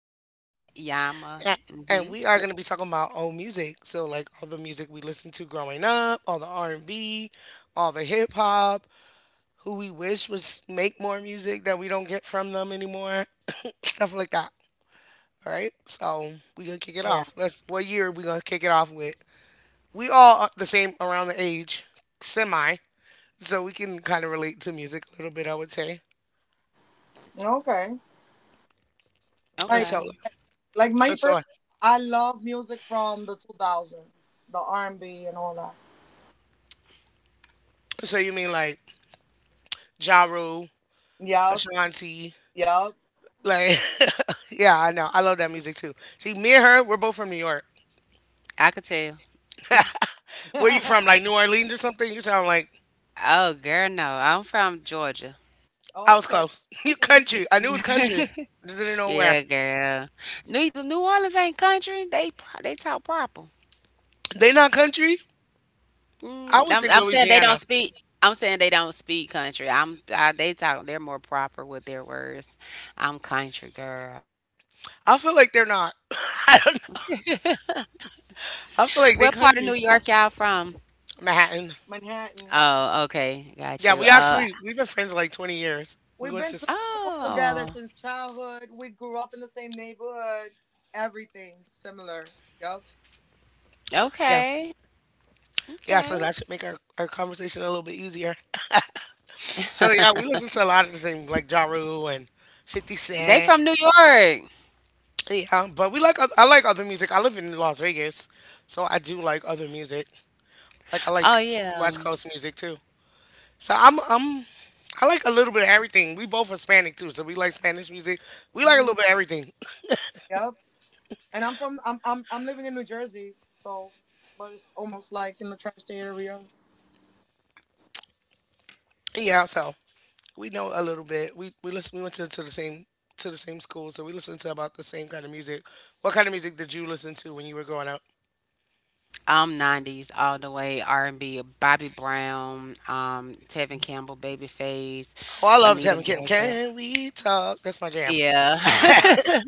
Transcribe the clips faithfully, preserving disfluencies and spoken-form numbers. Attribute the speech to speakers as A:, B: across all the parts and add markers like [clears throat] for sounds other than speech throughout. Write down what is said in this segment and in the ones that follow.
A: you say your name?
B: Yes,
A: Yeah.
B: Yama.
A: And we are
B: Mhm.
A: going to be talking about old music. So, like all the music we listened to growing up, all the R and B, all the hip hop, who we wish was make more music that we don't get from them anymore, [coughs] stuff like that. All right. So we gonna kick it
C: yeah.
A: off. Let's. What year are we gonna kick it off with? We all are the same around the age, semi. So we can kind of relate to music a little bit, I would say.
C: Okay.
A: And
C: Like
A: so,
B: Okay,
C: like my
A: and so,
C: person, I love music from the two thousands, the R and B and B and all that.
A: so you mean like Ja Rule,
C: Yup.
A: Ashanti?
C: Yup.
A: Like, [laughs] yeah, I know. I love that music too. See, me and her, we're both from New York.
B: I could tell.
A: Where you from?
C: [laughs]
A: Like New Orleans or something? You sound like
B: Oh, girl, no, I'm from Georgia.
A: I was
C: Okay.
A: close. [laughs] You country. I knew it was country. Just didn't know where.
B: Yeah, girl. New New Orleans ain't country. They pro- they talk proper.
A: They not country? I
B: Mm,
A: would
B: I'm
A: think
B: I'm saying they don't
A: Louisiana.
B: speak. I'm saying they don't speak country. I'm I, they talk. They're more proper with their words. I'm country girl.
A: I feel like they're not. [laughs] I don't know. I feel like they
B: What part of New
A: country.
B: York y'all from?
A: Manhattan.
C: Manhattan.
B: Oh, okay, got
A: Yeah,
B: you.
A: we
B: Uh,
A: actually we've been friends like twenty years. We
C: We've
A: went
C: been
A: to
C: to
A: s-
C: school together
B: oh,
C: since childhood. We grew up in the same neighborhood. Everything similar. Yup.
A: Yeah.
B: okay,
A: Yeah,
B: okay.
A: so that should make our, our conversation a little bit easier. [laughs] So yeah, we listen to a lot of the same like Ja Rule and fifty
B: They
A: Cent.
B: from New York.
A: Yeah, but we like oth- I like other music. I live in Las Vegas, so I do like other music. Like I like
B: Oh
A: s- West
B: yeah.
A: Coast music too. So I'm I'm I like a little bit of everything. We both Hispanic too, so we like Spanish music. We like a little
C: Mm,
A: bit of everything.
C: yup. And I'm from I'm, I'm I'm living in New Jersey, so but it's almost like in the tri-state area.
A: [clears throat] Yeah, so we know a little bit. We we listen. We went to, to the same to the same school, so we listen to about the same kind of music. What kind of music did you listen to when you were growing up?
B: I'm nineties all the way R and B, Bobby Brown, um, Tevin Campbell, Babyface,
A: Oh, I love Tam
B: Anita
A: and Kim.
B: Baker.
A: Can we talk? That's my jam.
B: Yeah.
C: Wow.
B: [laughs]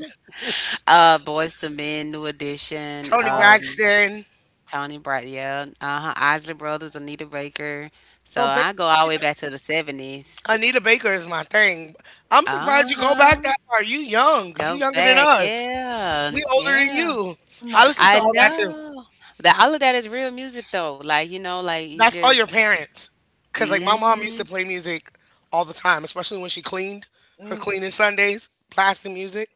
B: uh Boys to Men, New Edition,
A: Tony
C: Oh,
B: um,
A: Braxton.
B: Tony Bright, yeah. Uh-huh. Isley Brothers, Anita Baker. So
C: so
B: I go all the
C: basically,
B: way
C: oh
B: back to the seventies.
A: Anita Baker is my thing. I'm surprised you go back
B: Uh-huh.
A: that far. You young. You
B: Go
A: younger than
B: back.
A: us.
B: Yeah.
A: We older than
B: Yeah.
A: you. I
C: my
A: listen to
B: I
C: god.
A: all that too.
B: know. That all of that is real music though. Like, you know, like you
A: That's all
B: just…
A: your parents. Cause like my mom used to
B: Mm-hmm.
A: play music all the time, especially when she cleaned. Her
C: Mm.
A: cleaning Sundays, blasting music.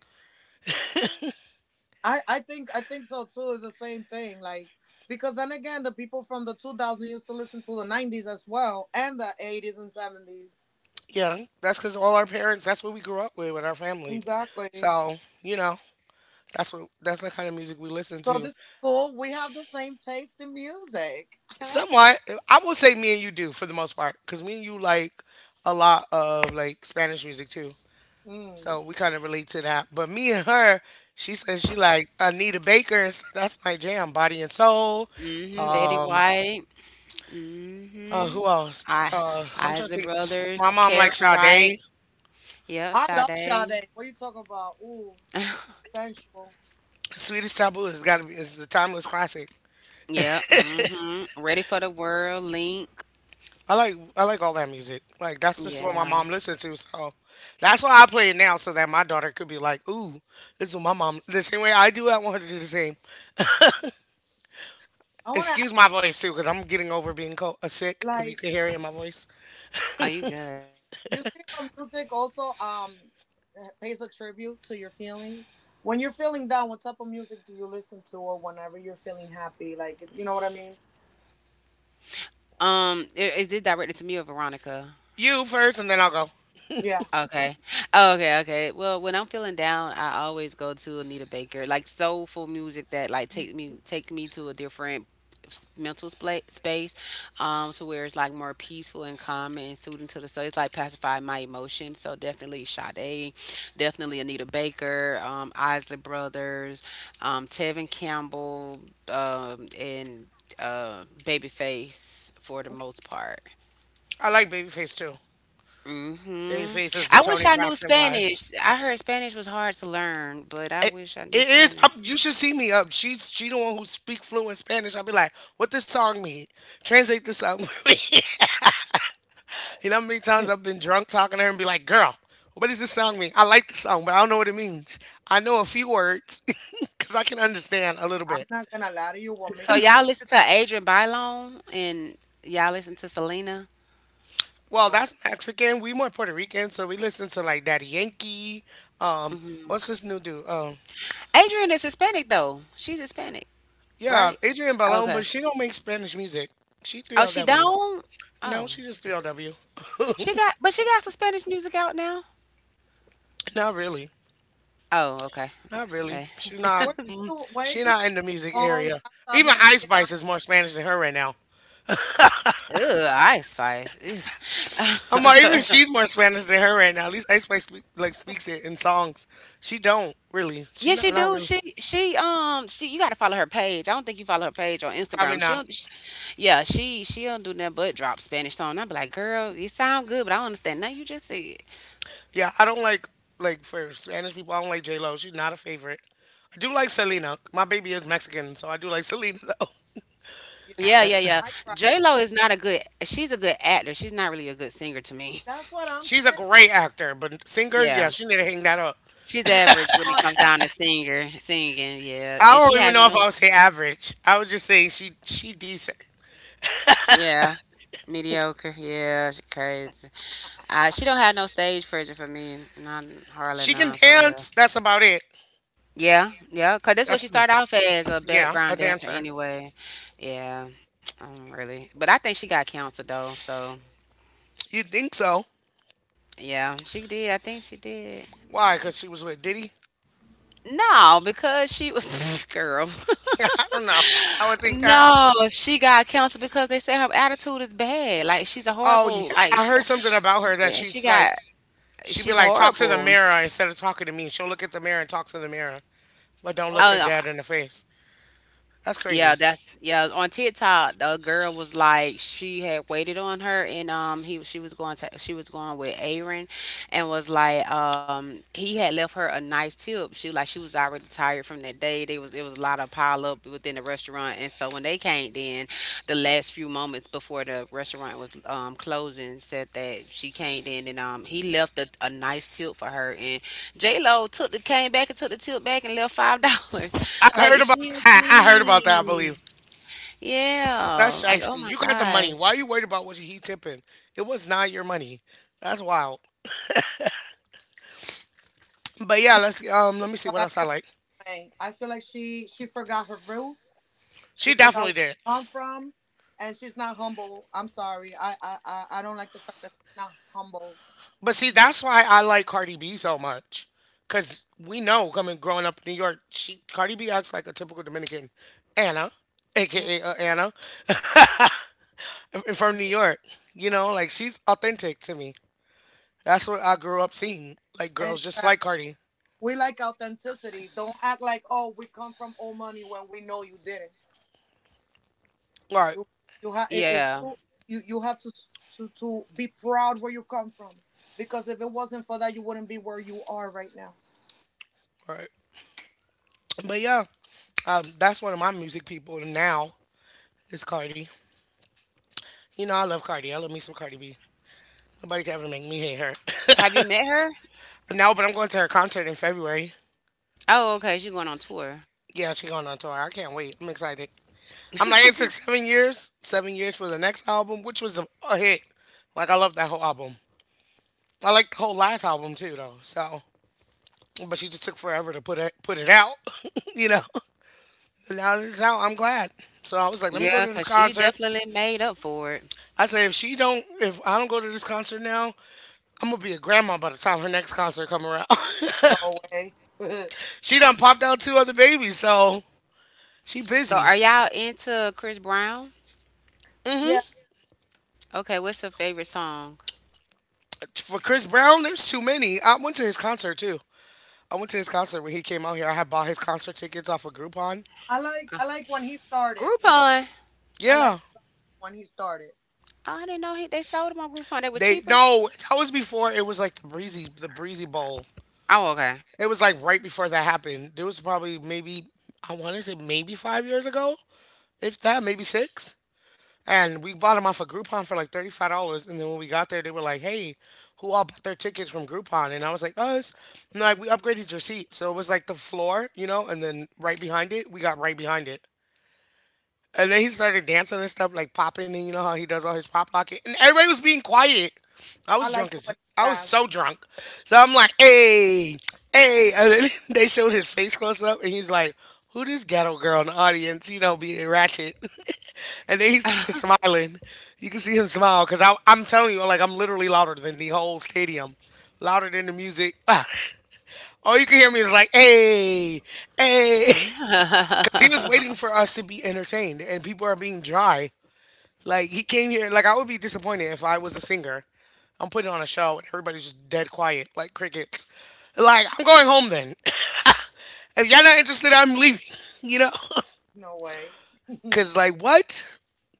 C: I, I think I think so too. Is the same thing, like because then again, the people from the two thousand used to listen to the nineties as well and the eighties and seventies.
A: Yeah, that's because all our parents. That's what we grew up with with our family.
C: Exactly.
A: So you know, that's what that's the kind of music we listen
C: So
A: to.
C: this is cool. We have the same taste in music. [laughs]
A: Somewhat, I will say me and you do for the most part, because me and you like a lot of like Spanish music too.
C: mm,
A: So we kind of relate to that. But me and her, she says she like Anita Baker. And s- that's my jam, Body and Soul.
B: Mm-hmm.
C: Indeed.
B: Betty
A: Um,
B: White.
A: uh,
B: Mm-hmm.
A: who else?
B: I
A: Uh, I'm trying to
B: Isley
A: think. S- My
B: Brothers,
A: mom
B: Carol
A: likes
B: Wright,
A: Sade.
B: yeah,
C: I love
B: Sade.
C: Sade. What you talk about? Ooh, sensual.
A: Sweetest Taboo has got to be is the timeless classic.
B: Yeah, mm-hmm. Ready for the World, Link.
A: I like I like all that music. Like that's just what my
B: Yeah.
A: mom listened to. So that's why I play it now, so that my daughter could be like, "Ooh, this is what my mom." The same way I do, I want her to do the same.
C: I want to ask,
A: Excuse my voice too, because I'm getting over being cold, uh, sick. If you
C: like
A: can hear it in my voice,
B: Are you good?
C: you see how music also um pays a tribute to your feelings. When you're feeling down, what type of music do you listen to, or whenever you're feeling happy? Like you know what I mean?
B: Um, i- is this directed to me or Veronica?
A: you first, and then I'll go.
C: Yeah.
B: Okay. Oh, okay, okay. Well, when I'm feeling down, I always go to Anita Baker, like soulful music that like take me take me to a different s- mental spla space, um, to where it's like more peaceful and calm and soothing to the soul. It's like pacify my emotions. So definitely Sade, definitely Anita Baker, um, Isley Brothers, um, Tevin Campbell, um, and uh, Babyface for the
C: Okay.
B: most part.
A: I like Babyface too.
B: Hmm.
A: Babyface is the
B: I wish
A: Tony
B: I knew
A: Braxton vibe.
B: Spanish. I heard Spanish was hard to learn, but I
A: It,
B: wish I knew
A: it is.
B: Spanish.
A: Up, you should see me up. She's she the one who speak fluent Spanish. I'll be like, "What this song mean? Translate this song." for me." [laughs] You know how many times
C: [laughs]
A: I've been drunk talking to her and be like, girl, what does this song mean? I like the song, but I don't know what it means. I know a few words [laughs] because I can understand a little
C: I'm
A: bit.
C: not gonna lie to you. What
B: So
C: makes it
B: y'all listen to Adrian Bylon and y'all listen to Selena.
A: Well,
C: wrong?
A: that's Mexican. We more Puerto Rican, so we listen to like Daddy Yankee. Um, what's this new dude? Um,
B: Adrian is Hispanic though. She's Hispanic,
A: yeah,
B: right?
A: Adrian Balon,
B: Okay.
A: but she don't make Spanish music. She
B: Oh, she
A: three L W.
B: don't.
A: No,
B: Oh,
A: she just three L W.
B: she
A: [laughs]
B: got, but she got some Spanish music out now.
A: Not really.
B: Oh, okay.
A: Not really.
B: Eh.
A: She not.
C: Where
A: Mm,
C: do where
A: she
C: do
A: not in the music
C: um
A: area.
C: salsa
A: Even Ice
C: merengue
A: Spice is
C: matcha?
A: more Spanish than her right now.
B: Ew, Ice Spice. Ew.
A: I'm like, even she's more Spanish than her right now. At least Ice Spice speak, like speaks it in songs. She don't really. She
B: Yeah, she
A: not not
B: do.
A: really.
B: She she um she you gotta follow her page. I don't think you follow her page on
A: Probably
B: Instagram.
A: not.
B: She'll sh yeah, she she'll do nothing but drop Spanish song. I'll be like, girl, you sound good, but I don't understand nothing you just said.
A: Yeah, I don't like like for Spanish people. I don't like J Lo. She's not a favorite. I do like Selena. My baby is Mexican, so I do like [laughs] Selena though.
C: Yeah,
B: Yeah,
A: And
B: yeah, yeah.
C: I, I cry.
B: J Lo is not a good She's a good actor. She's not really a good singer to me.
C: That's what I'm
A: she's a
C: saying.
A: great actor, but singer, yeah,
B: Yeah.
A: she need to hang that up.
B: She's
C: And
B: average
C: she's
B: when it
C: not a
B: comes
C: dance.
B: down to singer singing, yeah.
A: I
B: And she
A: don't even
B: has
A: know if
B: no…
A: I would say average. I would just say she she decent.
B: Yeah. Mediocre, yeah, she crazy. Uh, she don't have no stage presence for me, not hardly
A: She can
B: none for real.
A: dance. That's about it.
B: Yeah, yeah, cause that's what
A: That's
B: she started off as, a
A: yeah, a
B: background dancer
A: dancer.
B: anyway. Yeah, [tsk] um, really. But I think she got canceled though, so
A: You think so?
B: yeah, she did. I think she did.
A: Why? Because she was with Diddy.
B: No, because she was [laughs] girl.
A: [laughs] Yeah, I don't know. I would think that.
B: No, she got canceled because they said her attitude is bad. Like she's a
A: Oh yeah,
B: horrible. Like
A: I
B: she
A: heard
B: got,
A: something about her that
B: she
A: she's like
B: got,
A: she'd be
B: She's
A: like talk to the
B: horrible.
A: mirror instead of talking to me. She'll look at the mirror and talk to the mirror, but don't look
C: Oh,
A: her
B: Oh,
A: dad in the face. That's
B: yeah,
A: crazy.
B: that's yeah. On TikTok, the girl was like she had waited on her, and um, he she was going to she was going with Aaron, and was like um he had left her a nice tip. She like she was already tired from that day. They was It was a lot of pile up within the restaurant, and so when they came in, the last few moments before the restaurant was um closing, said that she came in and um he left a, a nice tip for her, and J Lo took the came back and took the tip back and left five [laughs] dollars.
A: I heard
B: Like
A: about
B: she was
A: that. [laughs] I heard about that. I believe
B: mean.
A: that's
B: Yeah. Like, oh
A: shiesty.
B: my
A: You got the money. Why
B: gosh.
A: are you worried about what he tipping? It was not your money. That's wild. But
C: I'm
A: yeah,
C: not
A: let's um let
C: sure,
A: me see
C: but
A: what
C: I
A: else I
C: feel
A: like.
C: the way. I feel like she she forgot her roots. She
A: She
C: forgot
A: definitely
C: where
A: did.
C: she come from, and she's not humble. I'm sorry. I I I, I don't like the fact that she's not humble.
A: But see, that's why I like Cardi B so much. Cause we know coming growing up in New York, she Cardi B acts like a typical Dominican Anna,
C: Mm,
A: aka uh, Anna, [laughs] from New York. You know, like she's authentic to me. That's what I grew up seeing, like girls just
C: Exactly.
A: like Cardi.
C: We like authenticity. Don't act like oh we come from old money when we know you didn't.
A: Right,
C: You you have if
B: Yeah.
C: you, you you have to s- to to be proud where you come from because if it wasn't for that you wouldn't be where you are right now.
A: right. But yeah, um, that's one of my music people now is Cardi. You know, I love Cardi. I love me some Cardi B. Nobody can ever make me hate her.
B: Have you met her?
A: [laughs] No, but I'm going to her concert in February.
B: Oh, okay. She going on tour.
A: Yeah, she going on tour. I can't wait. I'm excited. I'm like, it took seven years, seven years for the next album, which was a, a hit. Like I love that whole album. I like the whole last album too, though. So, but she just took forever to put it put it out, [laughs] you know. And now it's out, I'm glad. So I was like, let me go
B: Yeah,
A: to this
B: because she
A: concert.
B: definitely made up for it.
A: I said, if she don't, if I don't go to this concert now, I'm gonna be a grandma by the time her next concert come around. [laughs]
C: No way. [laughs]
A: She done popped out two other babies, so she
B: So
A: busy.
B: are y'all into Chris Brown?
A: Hmm.
C: yeah,
B: Okay, what's her favorite song?
A: For Chris Brown, there's too many. I went to his concert too. I went to his concert when he came out here. I had bought his concert tickets off of Groupon.
C: I like I like when he started. When
B: Groupon. Oh,
C: I like
A: Yeah,
C: when he started.
B: I didn't know he, they sold them on Groupon. They were
A: they
B: cheaper.
A: no, that was before it was like the breezy, the breezy bowl.
B: Oh, okay.
A: It was like right before that happened. It was probably maybe I want to say maybe five years ago, if that, maybe six. And we bought them off of Groupon for like thirty five dollars. And then when we got there, they were like, "Hey, who all bought their tickets from Groupon?" And I was like, "Us." And they're like, "We upgraded your seat, so it was like the floor, you know." And then right behind it, we got right behind it. And then he started dancing and stuff, like popping, and you know how he does all his pop locking. And everybody was being quiet. I was
C: I like
A: drunk
C: the
A: as
C: way he
A: I was
C: danced.
A: so drunk. So I'm like, hey, hey. And then [laughs] they showed his face close up, and he's like, who this ghetto girl in the audience, you know, being ratchet. [laughs] And then he started smiling. You can see him smile because I'm telling you, like, I'm literally louder than the whole stadium, louder than the music. [laughs] All you can hear me is like, hey, hey. [laughs] He was waiting for us to be entertained, and people are being dry. Like he came here. Like I would be disappointed if I was a singer. I'm putting on a show and everybody's just dead quiet, like crickets. Like I'm going home then. [laughs] If y'all not interested, I'm leaving. [laughs] You know,
C: No way.
A: [laughs]
C: [laughs]
A: cause like what?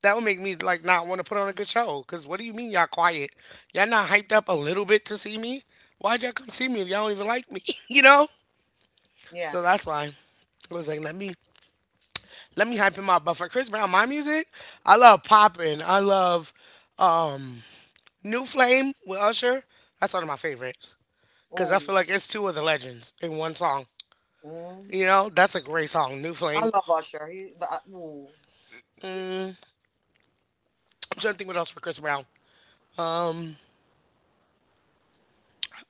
A: That would make me like not want to put on a good show. Cause what do you mean y'all quiet? Y'all not hyped up a little bit to see me? Why'd y'all come see me if y'all don't even like me? [laughs] You know.
C: yeah.
A: So that's why I was like, let me let me hype him up. But for Chris Brown, my music, I love popping. I love New Flame with Usher. That's one of my favorites because I
C: Ooh.
A: feel like it's two of the legends in one song.
C: Mm.
A: You know, that's a great song, New
C: I
A: Flame.
C: love Usher. He the uh, ooh.
A: I'm trying to think what else for Chris Brown.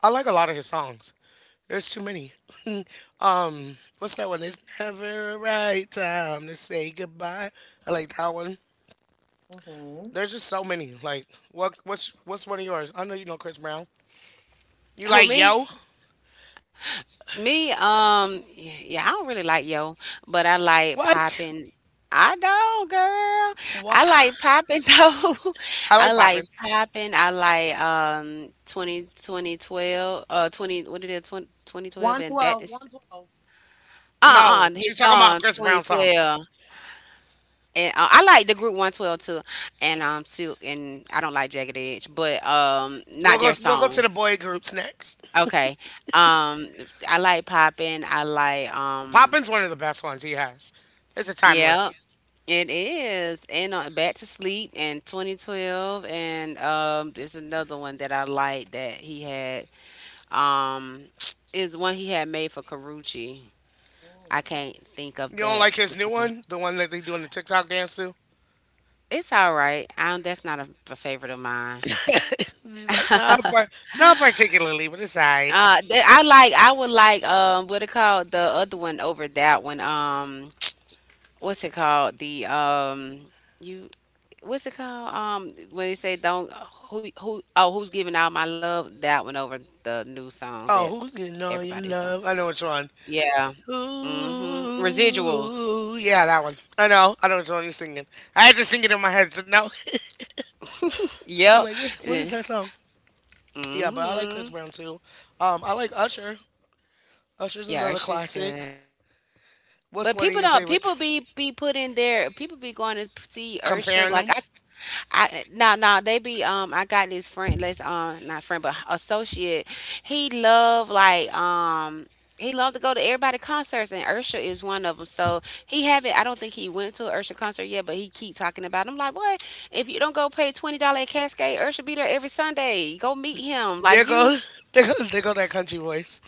A: I like a lot of his songs. There's too many. [laughs] Um, what's that one? It's never a right time to say goodbye. I like that one.
C: Mm-hmm.
A: There's just so many. Like, what? What's what's one of yours? I know you know Chris Brown. You
B: [laughs] Who,
A: like yo?
B: me? Me, um, yeah, yeah, I don't really like yo, but I like
A: What?
B: popping. I don't, girl.
A: What?
B: I like popping [laughs] though.
A: I like
B: I
A: popping.
B: like popping. I like um twenty twenty twelve uh twenty what did it twenty twenty twelve,
C: One
B: and that
C: twelve.
B: is
C: One twelve.
A: No,
B: uh-uh his
A: she's talking about
B: song
A: Chris Brown song.
B: twenty twelve. And uh, I like the group one twelve too. And um Silk, and I don't like Jagged Edge, but um
A: We'll
B: not
A: go.
B: their
A: We'll go to the
B: songs.
A: boy groups next.
B: Okay. Um, I like popping. I like um…
A: Poppin's one of the best ones he has. It's a
B: yeah.
A: timeless.
B: It is, and on Back to Sleep and twenty twelve, and um, there's another one that I like that he had. Um, [tsk] is one he had made for Carucci. I
C: Mm.
B: can't think of
A: You don't
B: that
A: like his new
B: particular.
A: one, the one that they doing the TikTok dance to?
B: It's all right. I do That's not a, a favorite of
A: [laughs]
B: mine.
A: She's like,
B: [laughs]
A: not, par- not particularly, but it's alright.
B: Uh, th- I like. I would like. Um, what it called? The other one over that one. Um, [tsk] what's it called? The um, you what's it called? Um, when they say don't who who oh Who's giving all my love? That one over the new song that
A: Oh, who's getting all your
B: everybody's on.
A: love? I know which one.
B: Yeah. Mhm. Residuals.
A: Ooh, yeah, that one. I know. I know which one you're singing. I had to sing it in my head to know. [laughs] I'm
B: Yep.
A: like, what, what is that song? Yeah, but I like Chris
B: Mhm.
A: Brown too. Um, I like Usher. Usher's
B: Yeah,
A: another
B: Urshan is
A: classic.
B: good.
A: What's
B: But
A: one of
B: people
A: your
B: don't
A: favorite?
B: people be be put in there. People be going to see Ursha.
A: Comparing
B: Like
A: them.
B: I nah nah they be um I got this friend, let's um not friend but associate. He love like um he loved to go to everybody concerts, and Ursha is one of them, so he haven't… I don't think he went to an Ursha concert yet, but he keep talking about it. I'm like, what, if you don't go pay twenty dollar at Cascade, Ursha be there every Sunday, go meet him like
A: There
B: you…
A: go, [laughs] there go, there go that country voice.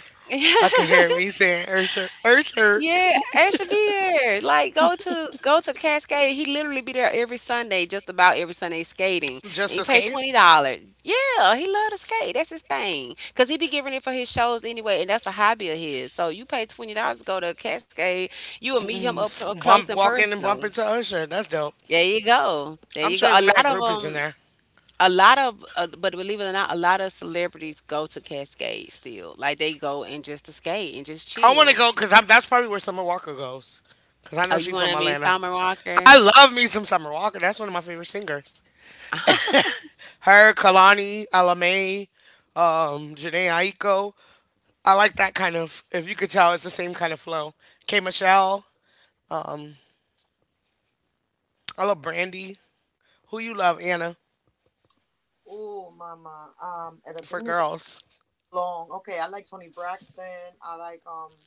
A: I can hear
B: [laughs]
A: me saying Usher, Usher.
B: Yeah, Ash should be there. Like go to go to Cascade. He literally be there every Sunday, just about every Sunday skating. And
A: Just
B: he pay
A: escape.
B: twenty dollars. Yeah, he love to skate. That's his thing. Cause he be giving it for his shows anyway, and that's a hobby of his. So you pay twenty dollars to go to Cascade, you will meet him
A: Mm,
B: up clo-
A: s-
B: close
A: Bump,
B: and
A: walk in and
B: personal.
A: bump into Usher. That's dope.
B: There you go. There
A: I'm
B: you
A: sure
B: go.
A: there's
B: A
A: mad
B: lot of
A: groupies in
B: um
A: there.
B: a lot of uh, but believe it or not, a lot of celebrities go to Cascade still, like they go and just to skate and just
A: I want to
B: chill.
A: go because that's probably where Summer Walker goes. Because I
B: Oh,
A: know
B: you
A: she's
B: want
A: from
B: to meet
A: Atlanta.
B: Summer Walker.
A: I love me some Summer Walker. That's one of my favorite singers. Her, Kalani, Alamay, um, Janae Aiko. I like that kind of, if you could tell, it's the same kind of flow. K Michelle. Um, I love Brandy. Who You Love, Anna,
C: Ooh, mama. Um, and the
A: for
C: thing is
A: girls.
C: long. Okay, I like Tony Braxton. I like um.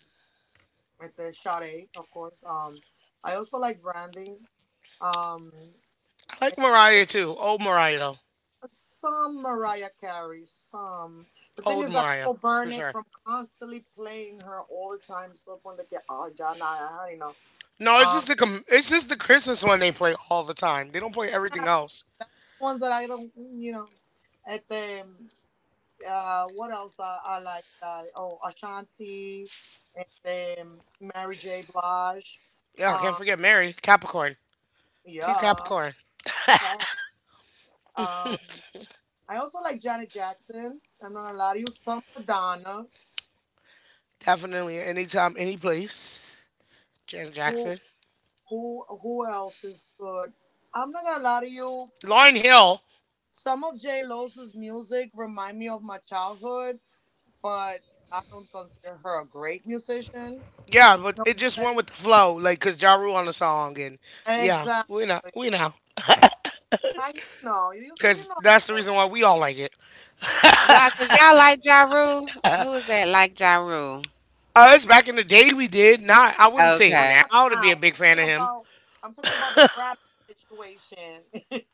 C: With the Sade, of course. Um, I also like branding. Um,
A: I like
C: and
A: Mariah too. Old Mariah though.
C: some Mariah Carey, some. The thing
A: Old
C: is that
A: Mariah
C: people
A: for
C: burn it
A: sure.
C: from constantly playing her all the time. So upon the get, oh, John, I had enough.
A: No, it's
C: Um,
A: just the com- it's just the Christmas one they play all the time. They don't play
C: [laughs] yeah,
A: everything else.
C: ones that I don't, you know, at the uh, what else I, I like that? Oh, Ashanti, and then Mary J. Blige.
A: Yeah, can't
C: Um,
A: forget Mary Capricorn. Team
C: yeah,
A: Capricorn.
C: um, I also like Janet Jackson. I'm not gonna lie to you. Some Madonna.
A: Definitely anytime, any place. Janet
C: Who
A: Jackson.
C: who who else is good? I'm not gonna lie to you.
A: Lauren Hill.
C: Some of J Lo's music remind me of my childhood, but I don't consider her a great musician.
A: Yeah,
C: You
A: but
C: know
A: it just
C: what
A: went
C: I'm
A: with the flow, like cause Ja Rule on the song, and
C: saying?
A: yeah,
C: Exactly.
A: we know, we know,
C: How you know? You see,
A: cause
C: you know me
A: that's the
C: very
A: reason why we
C: well.
A: all like it.
B: Why? Cause y'all like Ja Rule? Who is that like Ja Rule?
A: Us back in the day, we did not. I wouldn't say
B: Okay.
C: Not
A: now to be a
C: now.
A: big fan
C: I'm
A: of
C: talking
A: him.
C: about. I'm talking about the Grammy situation. [laughs]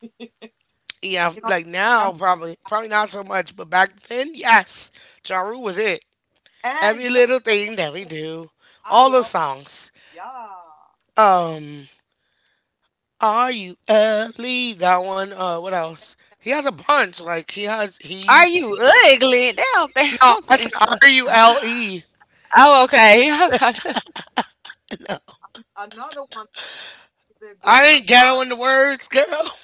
A: Yeah,
C: you know,
A: like now
C: Grammy
A: probably probably not so much, but back then, yes, Ja Rule was it.
C: and
A: Every
C: Sean,
A: little thing that we do,
C: I
A: all those
C: love.
A: songs.
C: Yeah.
A: Um, are you ugly? That one. Uh, what else? He has a bunch. Like he has
B: Are
A: he.
B: you ugly? They don't think. I
A: No,
B: don't
A: I
B: think
A: said
B: that's…
A: R U L E.
B: Oh, okay. [laughs] I was
C: Another one that we did good
A: I
C: was
A: ain't ghetto in the
C: um.
A: words, girl.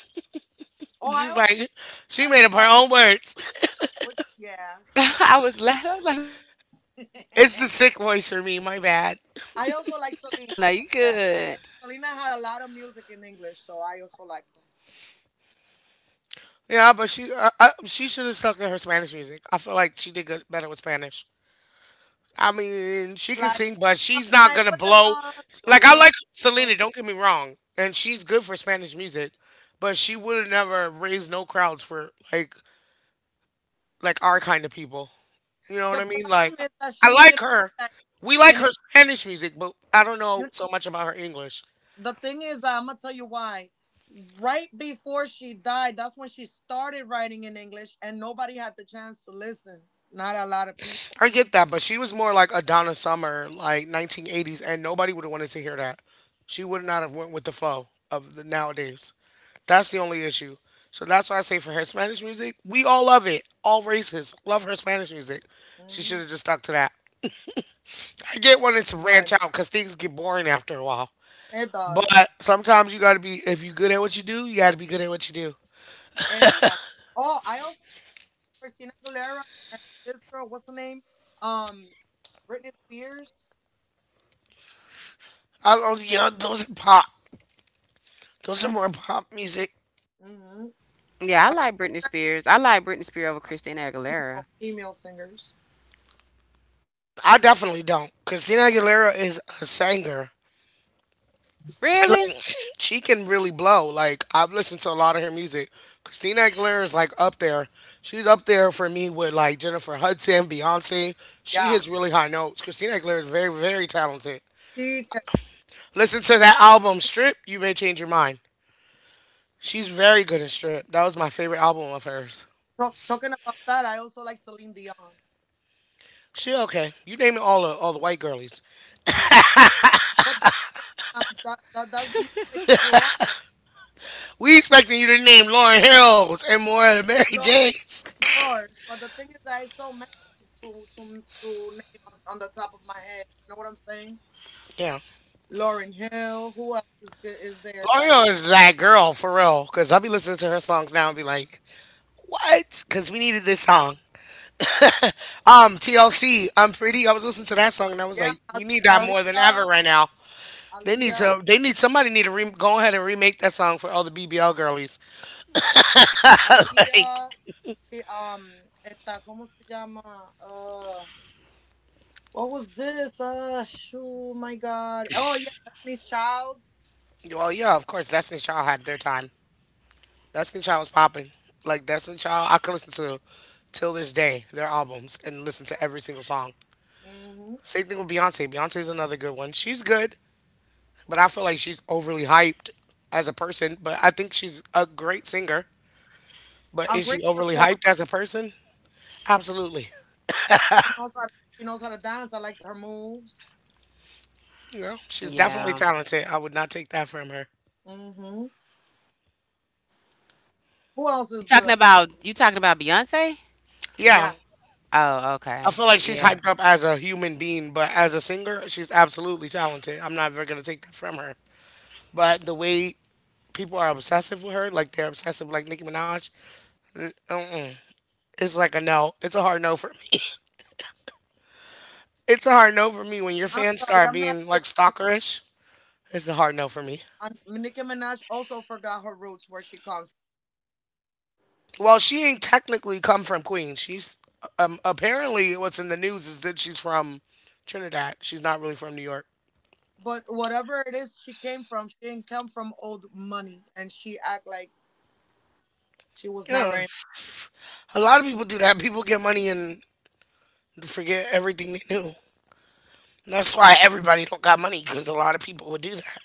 A: [laughs]
C: Oh, I
A: She's
C: also
A: like, she made
C: like
A: up her own
C: um.
A: words. [laughs]
C: What? Yeah.
B: I was laughing. I was like,
C: [laughs]
A: It's the sick voice for me. My bad.
C: I also like Selena
B: "No,
C: from
B: you
C: that.
B: good."
C: Selena had a lot of music in English, so I also like them.
A: Yeah, but she uh, uh, she should have stuck to her Spanish music. I feel like she did good, better with Spanish. I mean, she can
C: Like
A: sing, but
C: up
A: she's not
C: night
A: gonna
C: with
A: blow.
C: another
A: Like I
C: world.
A: like Selena, don't get me wrong, and she's good for Spanish music, but she would have never raised no crowds for like like our kind of people. You know what
C: The
A: I mean?
C: problem
A: Like
C: is that
A: I
C: she made
A: like
C: only
A: her.
C: like
A: We like
C: and
A: her
C: it,
A: Spanish music, but I don't know
C: you,
A: so much about her English.
C: the thing is that I'm gonna tell you why. Right before she died, that's when she started writing in English, and nobody had the chance to listen. Not a lot of people.
A: I get that, but she was more like a Donna Summer, like nineteen eighties, and nobody would have wanted to hear that. She would not have went with the flow of the nowadays. That's the only issue. So that's why I say for her Spanish music, we all love it. All races love her Spanish music. She should
C: Mhm.
A: have just stuck to that. [laughs] I get wanting to branch
C: But
A: out because things get boring after a while.
C: it
A: But
C: does.
A: sometimes you gotta be if you're good at what you do, you gotta be good at what you do.
C: Exactly. Oh, I also Christina Aguilera and this girl, what's the name? Um, Britney Spears.
A: I don't, you know, those are pop. Those are more pop music.
C: Mm-hmm.
B: Yeah, I
C: Like
B: like Britney Spears. I like Britney Spears over Christina
C: female
B: Aguilera.
C: female singers.
A: I definitely don't. Christina Aguilera is a singer. And look,
B: Really?
A: [laughs] [clears throat] she can really blow. Like I've listened to a lot of her music. Christina Aguilera is like up there. She's up there for me with like Jennifer Hudson, Beyonce. She
C: Yeah.
A: hits really high notes. Christina Aguilera is very, very talented.
C: She
A: Listen to that album Strip. You may change your mind. She's very good in Strip. That was my favorite album of hers.
C: talk, talking about that. I also like Celine Dion.
A: She okay. You naming all the all the white girlies.
C: But then, um, that, that that's the music I grew up with.
A: We expecting you to name Lauren Hills and more of Mary
C: Lauren of
A: Janes. [laughs]
C: Course. But the thing is, I so many to to to, to name on, on the top of my head. You know what I'm saying?
A: Yeah.
C: Lauren Hill. Who else is good? Is there?
A: Lauren Hill
C: También.
A: is that girl for real. Cause I'll be listening to her songs now and be like, what? Because we needed this song. [laughs] um, T L C, I'm pretty. I was listening to that song and I was
C: Yeah,
A: like, we need that
C: Ali,
A: more than ever
C: Aliyah.
A: right now. They need
C: Alía,
A: to. They need somebody need to re- go ahead and remake that song for all the B B L girlies. [laughs] Like,
C: Alía, sí, um, esta, ¿cómo se llama? Uh, what was this? Uh, shoo, my God. Oh yeah, Destiny's Childs.
A: well, yeah, of course, Destiny Child had their time. Destiny Child was popping. Like Destiny Child, I could listen to till this day their albums and listen to every single song.
C: Mm-hmm.
A: Same thing with Beyonce. Beyonce's another good one. She's good, but I feel like she's overly hyped as a person. But I think she's a great singer. But
C: A
A: is she
C: great
A: overly
C: performer.
A: hyped as a person? Absolutely.
C: She knows how to, she knows how to dance. I like her moves.
A: You know, she's definitely
B: Yeah.
A: talented. I would not take that from her.
C: Mm-hmm. Who else
B: You
C: is
B: talking
C: good?
B: about you talking about Beyonce?
A: Yeah.
C: Yes.
B: Oh,
A: I
B: okay.
A: feel like she's
B: Yeah.
A: hyped up as a human being, but as a singer, she's absolutely talented. I'm not ever gonna take that from her. But the way people are obsessive with her, like they're obsessive, like Nicki Minaj, n- mm-mm, it's like a no. It's a hard no for me. It's a hard no for me when your
C: I'm
A: fans
C: sorry,
A: start
C: I'm not a
A: being
C: big
A: like
C: fan. Of,
A: stalkerish. It's a hard no for me.
C: um, Nicki Minaj also forgot her roots where she comes
A: Well, she ain't technically come from Queens. She's um apparently what's in the news is that she's from Trinidad. She's not really from New York.
C: from. But whatever it is she came from, she didn't come from old money, and she act like she was
A: Yeah.
C: never in.
A: A lot of people do that. People get money and forget everything they knew. That's why everybody don't got money because a lot of people would do that.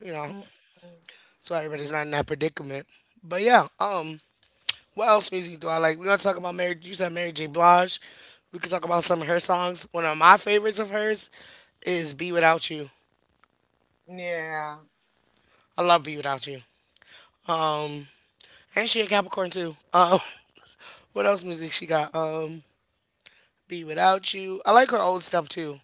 A: You know,
C: Mm-mm.
A: that's why everybody's not in that predicament. But yeah, um, what else music do I like? We gonna talk about Mary. You said Mary J. Blige. We could talk about some of her songs. One of my favorites of hers is "Be Without You."
C: Yeah.
A: I love "Be Without You." Um, And she a Capricorn too. Um, [laughs] what else music she got? Um, Be Without You. I like her old stuff too.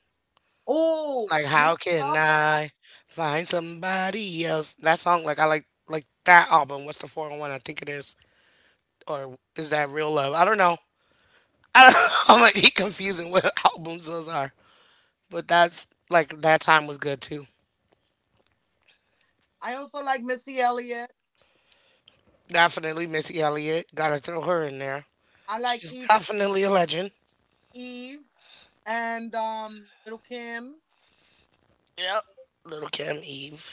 C: Oh,
A: Like
C: you know
A: How
C: what
A: Can
C: else I like?
A: I Find Somebody Else? That song, like I like like that album. What's the four o one? I think it is. Or is that Real Love? I don't know. I don't [laughs] I might be confusing what [laughs] albums those are. But that's like that time was good too.
C: I also like Missy Elliott.
A: Definitely Missy Elliott. Gotta throw her in there.
C: I like
A: She's
C: Eve
A: definitely a legend.
C: Eve and um Little Kim.
A: Yep. Little Kim Eve.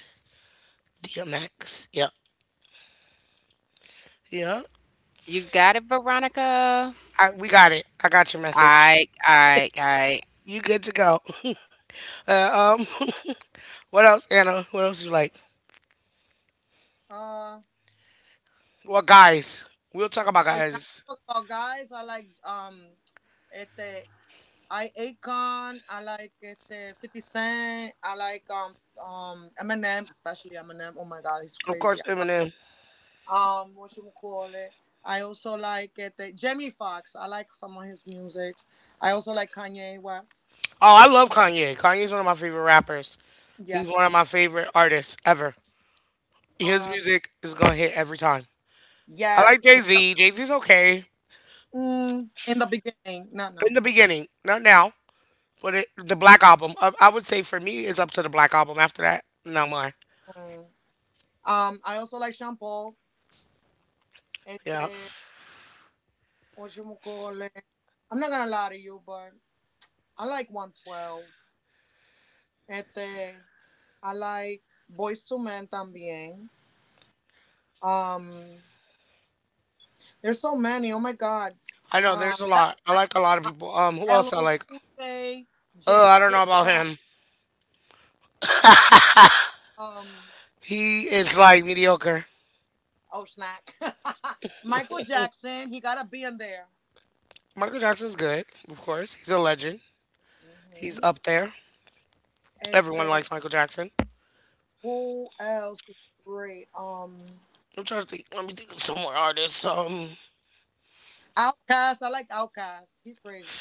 A: D M X. Yep. Yep.
B: You got it, Veronica.
A: I, we got it. I got your
B: All
A: message.
B: right, all right, all right.
A: You good to go. [laughs] Uh, um, [laughs] what else, Anna? What else you like?
C: Uh
A: Well, guys, we'll talk about
C: oh you know
A: guys.
C: talk about guys, I like um este I Akon, I like este fifty Cent, I like um um Eminem, especially Eminem. Oh my god, he's
A: Of
C: crazy.
A: course,
C: I love-
A: Eminem.
C: Um what you would call it. I also like este Jamie Foxx. I like some of his music. I also like Kanye West.
A: Oh, I
C: Um,
A: love Kanye. Kanye's one of my favorite rappers. He's one of
C: yes.
A: my favorite artists ever. His
C: Um,
A: music is gonna hit every time. I like
C: yes.
A: Jay
C: Ja-
A: Z. Jay Z's okay
C: Mm, in the beginning, not now.
A: in the beginning, not now. But it, the Black Album, I, I would say for me, is up to the Black Album. After that, no more.
C: Mm. Um, I also like Sean Paul.
A: Yeah,
C: Este, Whatchamacallit? I'm not gonna lie to you, but I like one twelve. Este, I like Boys to Men también. Um, there's so many. Oh my god.
A: I know.
C: Uh,
A: There's a lot. I like a lot of
C: uh,
A: people. Um, who else I
C: L L
A: like?
C: Cool J,
A: Uh,
C: J,
A: I don't know
C: Chris
A: about
C: Brown.
A: him.
C: Um,
A: He is like mediocre.
C: oh snack. [laughs] Michael Jackson. He gotta be in there.
A: Michael Jackson's good, of course. He's a legend. He's
C: Hmm.
A: up there. Everyone likes Michael Jackson.
C: Who else is great? Um,
A: I'm trying to think. Let me think of some more artists. Um,
C: Outcast. I like Outcast. He's crazy.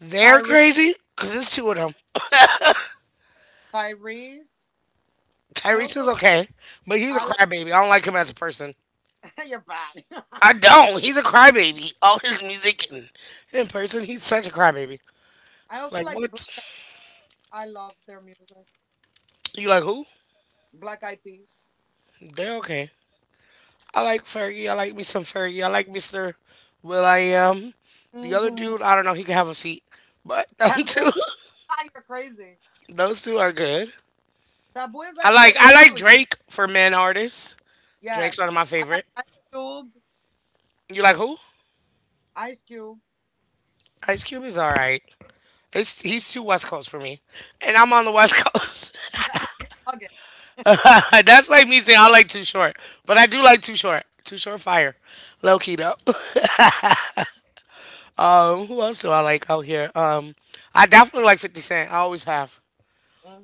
A: they're
C: Tyree,
A: crazy because there's two of them.
C: Tyrese. I
A: Tyrese
C: also
A: is okay, but he's a
C: I like
A: crybaby. I don't like him as a person.
C: [laughs] you're bad. [laughs]
A: I don't. He's a crybaby. All his music and in person, he's such a crybaby.
C: I also
A: Like
C: like Black.
A: what?
C: Eyed- I love their music.
A: You like who?
C: Black Eyed Peas.
A: They're okay. I like Fergie. I like me some Fergie. I like mister Will I Am. The other
C: Mm-hmm.
A: dude, I don't know. He can have a seat, but [laughs] them
C: Taboo.
A: two,
C: [laughs] Ah, you're crazy.
A: [laughs] those two are good.
C: Taboo is
A: I
C: actually a
A: like I like
C: Ecuadorian.
A: Drake for men artists. Drake's one of
C: Yes,
A: my
C: I like
A: favorite.
C: Ice Cube.
A: You like who?
C: Ice Cube.
A: Ice Cube is all right. It's, he's too West Coast for me, and I'm on the West Coast.
C: [laughs] Yeah, you're bugging.
A: [laughs] That's like me saying I like Too Short, but I do like Too Short. Too Short fire, low key though. [laughs] Um, who else do I like out here? Um, I definitely like Fifty Cent. I always have.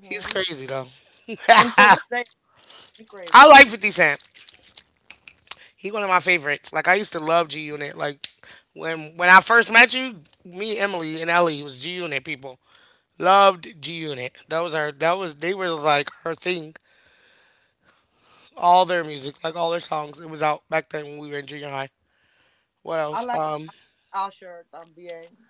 A: He's crazy though. [laughs]
C: Until
A: I
C: this day, he crazy.
A: like fifty Cent. He one of my favorites. Like I used to love G Unit. Like when when I first met you, me, Emily, and Ellie was G Unit people. Loved G Unit. That was our that was they were like her thing. All their music, like all their songs. It was out back then when we were in junior high. What
C: I
A: else?
C: like
A: Um
C: Usher también.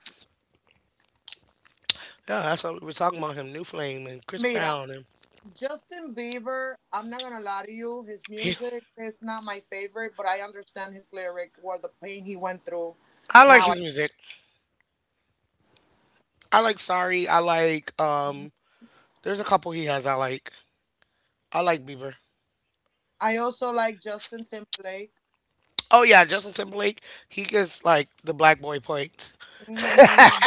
A: Yeah, that's what we were talking about him. New Flame and Chris
C: Mira,
A: Brown, and
C: Justin Bieber, I'm not gonna lie to you, his
A: [laughs] yeah.
C: music is not my favorite, but I understand his lyric where the pain he went through.
A: I like
C: Now I
A: his music. I like Sorry. I like um there's a couple he has I like. I like Beaver.
C: I also like Justin Timberlake.
A: Oh yeah, Justin Timberlake. He gets like the black boy points.
C: Hmm.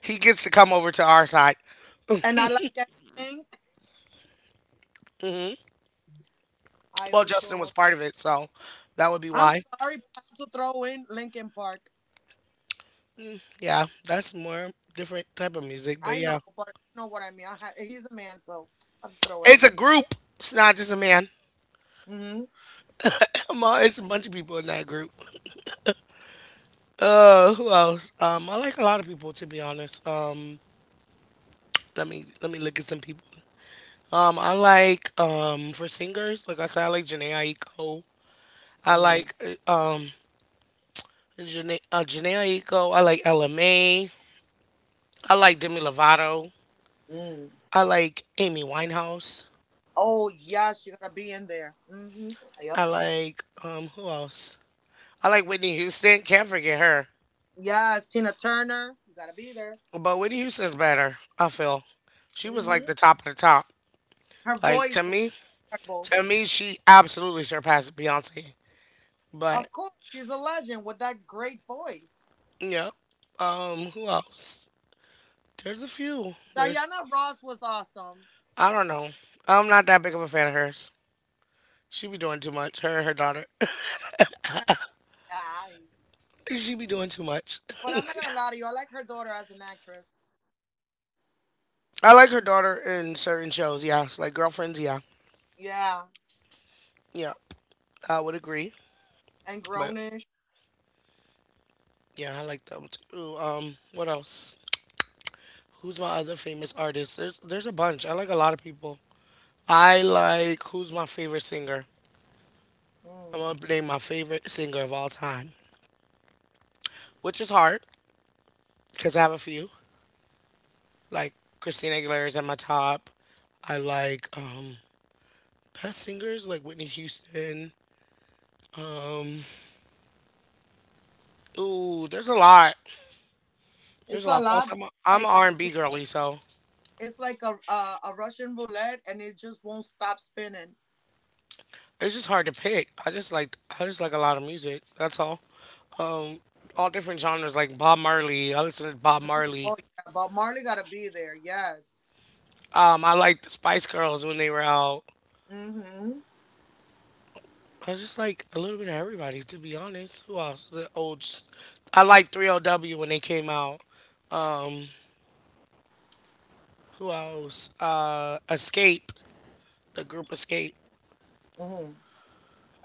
A: He gets to come over to our side.
C: And I like NSYNC. I
A: Well,
C: also
A: Justin was part of it, so that would be
C: I'm
A: why.
C: sorry, but I have to throw in Linkin Park.
A: Yeah, that's more different type of music, but
C: I know,
A: yeah,
C: but you know what I mean. I ha- he's a man, so I have to throw it
A: it's
C: in
A: a
C: there.
A: group. It's not just a man.
C: Mm-hmm.
A: Come on, it's a bunch of people in that group. Uh, who else? Um, I like a lot of people, to be honest. Um, let me let me look at some people. Um, I like um for singers, like I said, I like Janae Aiko. I
C: Mm.
A: like uh, um Janae uh, Janae Aiko. I like L M A. I like Demi Lovato.
C: Mm.
A: I like Amy Winehouse.
C: Oh yes, you gotta be in there. Mm-hmm. Yep.
A: I like um who else? I like Whitney Houston. Can't forget her.
C: Yes, Tina Turner, you gotta be there.
A: But Whitney Houston's better, I feel. She was
C: Hmm.
A: like the top of the top.
C: Her
A: Like to
C: voice was
A: me,
C: incredible.
A: to me she absolutely surpassed Beyonce. But
C: Of course, she's a legend with that great voice.
A: yeah. Um who else? There's a few. There's
C: Diana Ross was awesome.
A: I don't know. I'm not that big of a fan of hers. She be doing too much. Her and her daughter.
C: Aye.
A: [laughs] She be doing too much.
C: But I'm not gonna lie to you, I like her daughter as an actress.
A: I like her daughter in certain shows, yes. Like girlfriends, yeah.
C: Yeah,
A: Yeah, I would agree.
C: and
A: But
C: grownish.
A: yeah, I like that one too. Um, what else? Who's my other famous artist? There's there's a bunch. I like a lot of people. I like who's my favorite singer. I'm
C: Mm.
A: gonna name my favorite singer of all time, which is hard because I have a few. Like Christina Aguilera is at my top. I like um best singers like Whitney Houston. Um, ooh, there's a lot. There's
C: It's
A: a
C: a
A: lot. Plus,
C: lot.
A: I'm a, I'm
C: Like
A: an R and B
C: you,
A: girly, so
C: it's like a, a a Russian roulette, and it just won't stop spinning.
A: it's just hard to pick. I just like I just like a lot of music. That's all. Um, all different genres like Bob Marley. I listen to Bob Marley.
C: Oh yeah, but Marley gotta be there. Yes.
A: Um, I liked the Spice Girls when they were out.
C: Mhm.
A: I just like a little bit of everybody, to be honest. Who else? The old. S- I liked three O W when they came out. Um, who else? Uh, Escape, the group Escape.
C: Mhm.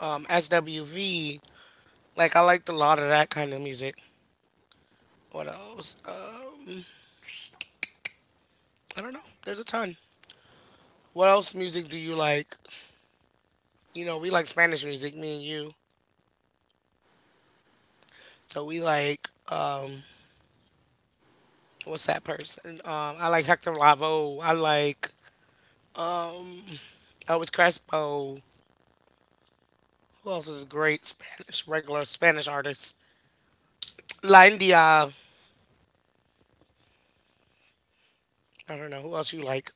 A: Um, S W V. Like I liked a lot of that kind of music. What else? Um, I don't know. There's a ton. What else music do you like? You know, we like Spanish music, me and you. So we like um what's that person? Um I like Hector Lavoe. I like Elvis Crespo. Who else is great Spanish regular Spanish artists? Latin Diaz. I don't know. Who else you like?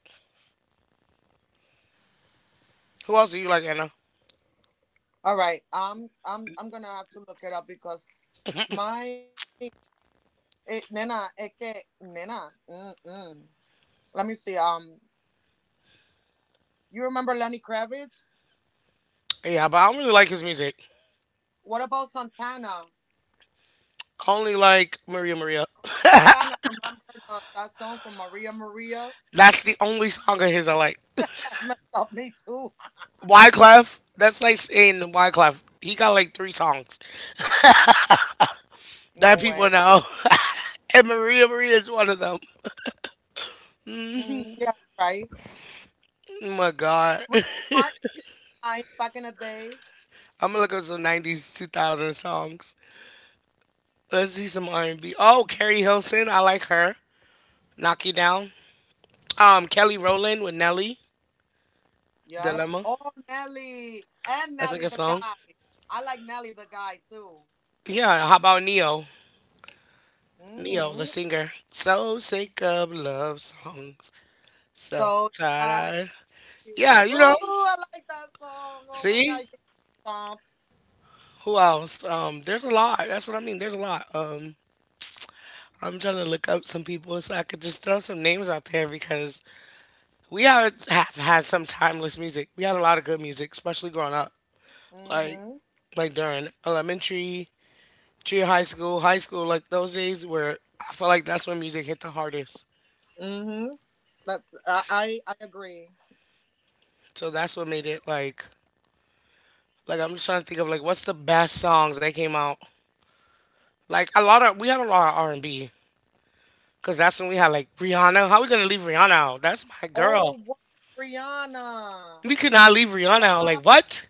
A: Who else do you like, Anna?
C: All right. Um. I'm I'm gonna have to look it up because my it, nena, es que, nena, mm-mm. Let me see. Um, you remember Lenny Kravitz?
A: Yeah, but I don't really like his music.
C: What about Santana?
A: I only like Maria Maria.
C: Santana, remember the, that song from Maria Maria?
A: [laughs] That's the only song of his I like.
C: That's messed up me too.
A: Wyclef. That's like saying Wyclef. He got like three songs that
C: No
A: people
C: way.
A: know. [laughs] And Maria Maria is one of them.
C: Mm, yeah, right.
A: Oh my God.
C: Ricky Martin, nice back in the days.
A: I'm gonna look up some nineties, two thousand songs. Let's see some R and B. Oh, Carrie Hilson, I like her. Knock You Down. Um, Kelly Rowland with Nelly.
C: Yep.
A: Dilemma.
C: Oh, Nelly and
A: That's a
C: Nelly
A: good
C: the
A: song.
C: guy. I like Nelly the guy too.
A: Yeah. How about Neo? Neo, the
C: Mm.
A: singer. So sick of love songs. So
C: So, uh,
A: tired. Of-
C: ooh,
A: Yeah, you know.
C: I like that song. Oh my god,
A: See
C: give me goosebumps.
A: who else? Um, there's a lot. That's what I mean. There's a lot. Um, I'm trying to look up some people so I could just throw some names out there because we are have had some timeless music. We had a lot of good music, especially growing up, like
C: Mhm.
A: like during elementary, junior high school, high school. Like those days where I feel like that's when music hit the hardest.
C: Mhm. That I I I agree.
A: So that's what made it like like I'm just trying to think of like what's the best songs that came out. Like a lot of we had a lot of R and B because that's when we had like Rihanna. How we gonna leave Rihanna out? That's my girl.
C: Oh, word, Rihanna.
A: We could not leave Rihanna out.
C: Wow.
A: Like what?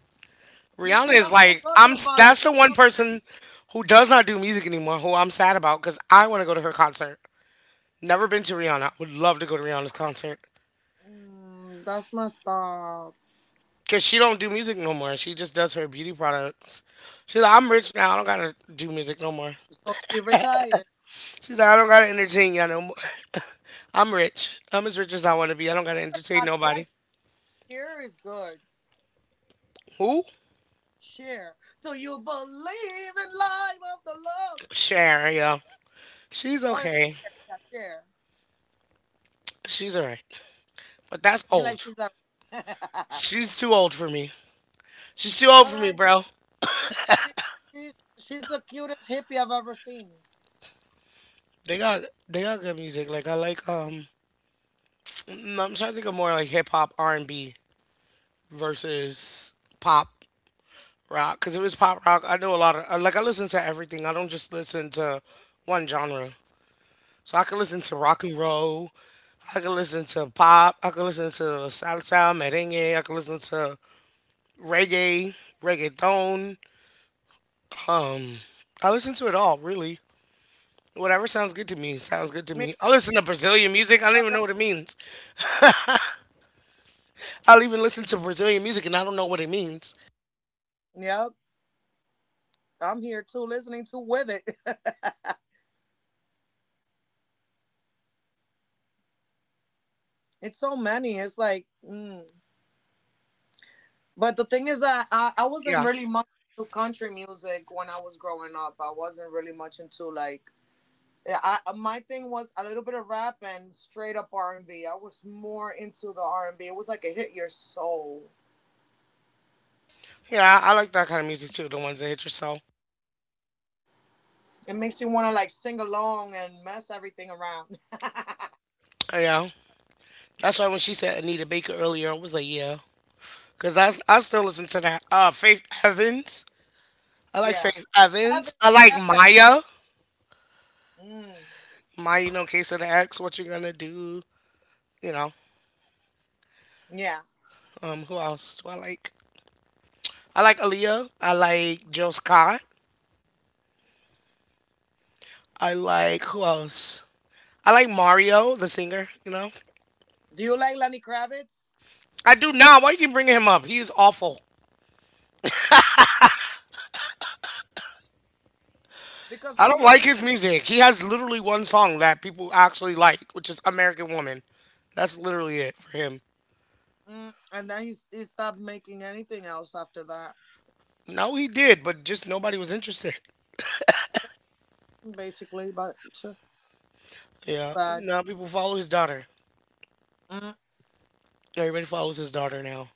C: You see,
A: Rihanna
C: that's
A: is
C: what I'm
A: like
C: talking
A: I'm. S-
C: about. Like
A: That's
C: it's
A: the one
C: so
A: person
C: many.
A: who does not do music anymore. Who I'm sad about because I want to go to her concert. Never been to Rihanna. Would love to go to Rihanna's concert
C: Mm, that's messed up.
A: because she don't do music no more. She just does her beauty products. She's like, I'm rich now. I don't gotta do music no more.
C: So she retired.
A: She's like, I don't gotta entertain y'all no more. [laughs] I'm rich. I'm as rich as I want to be. I don't gotta entertain
C: God, I
A: nobody.
C: like Cher is good.
A: Who?
C: Cher. Do you believe in life after love?
A: Cher. Yeah, she's
C: Oh, yeah,
A: okay.
C: Cher. Yeah, Cher. [laughs]
A: She's alright. But that's
C: You like
A: old.
C: she's that. [laughs]
A: She's too old for me. She's too old
C: but
A: for me,
C: I
A: bro.
C: she, she she's the cutest hippie I've ever seen.
A: They got they got good music. Like I like um mm, I'm trying to think of more like hip hop R and B versus pop rock, because if it's pop rock I know a lot of uh, like I listen to everything. I don't just listen to one genre. So I can listen to rock and roll. I can listen to pop. I can listen to salsa, merengue. I can listen to reggae, reggaeton. Um, I listen to it all really. Whatever sounds good to me sounds good to me.
C: Mira,
A: I listen to
C: if you-
A: Brazilian music. I don't even know
C: are,
A: what it means. I'll even listen to Brazilian music and I don't know what it means.
C: yep. I'm here too, listening to with it. [laughs] It's so many. It's like, mm. but the thing is that I, I wasn't
A: Yeah.
C: really much into country music when I was growing up. I wasn't really much into like. Yeah, I, uh, my thing was a little bit of rap and straight up R and B. I was more into the R and B. It was like it hit your soul.
A: Yeah, I, I like that kind of music too, the ones that hit your soul.
C: It makes you want to like sing along and mess everything around. [laughs]
A: Yeah. That's why when she said Anita Baker earlier, I was like, yeah. Because I, s- I still listen to that. Uh, Faith Evans. I like
C: Yeah.
A: Faith
C: Seven,
A: Evans. I like
C: yeah.
A: Maya.
C: Mm,
A: Maya, you know, Case of the X, What You Gonna Do. You know,
C: yeah.
A: um, who else do I like? I like Aaliyah. I like Jill Scott. I like, who else? I like Mario, the singer, you know.
C: Do you like Lenny Kravitz?
A: I do now. Why you keep bringing him up? He is awful.
C: Because
A: I
C: I'm
A: don't like
C: looking.
A: his music. He has literally one song that people actually like, which is American Woman. That's literally it for him.
C: Mm, and then he, he stopped making anything else after that,
A: No, he did, but just nobody was interested.
C: basically. But too, too
A: Yeah.
C: bad.
A: Now people follow his daughter.
C: Mm,
A: Everybody follows his daughter now.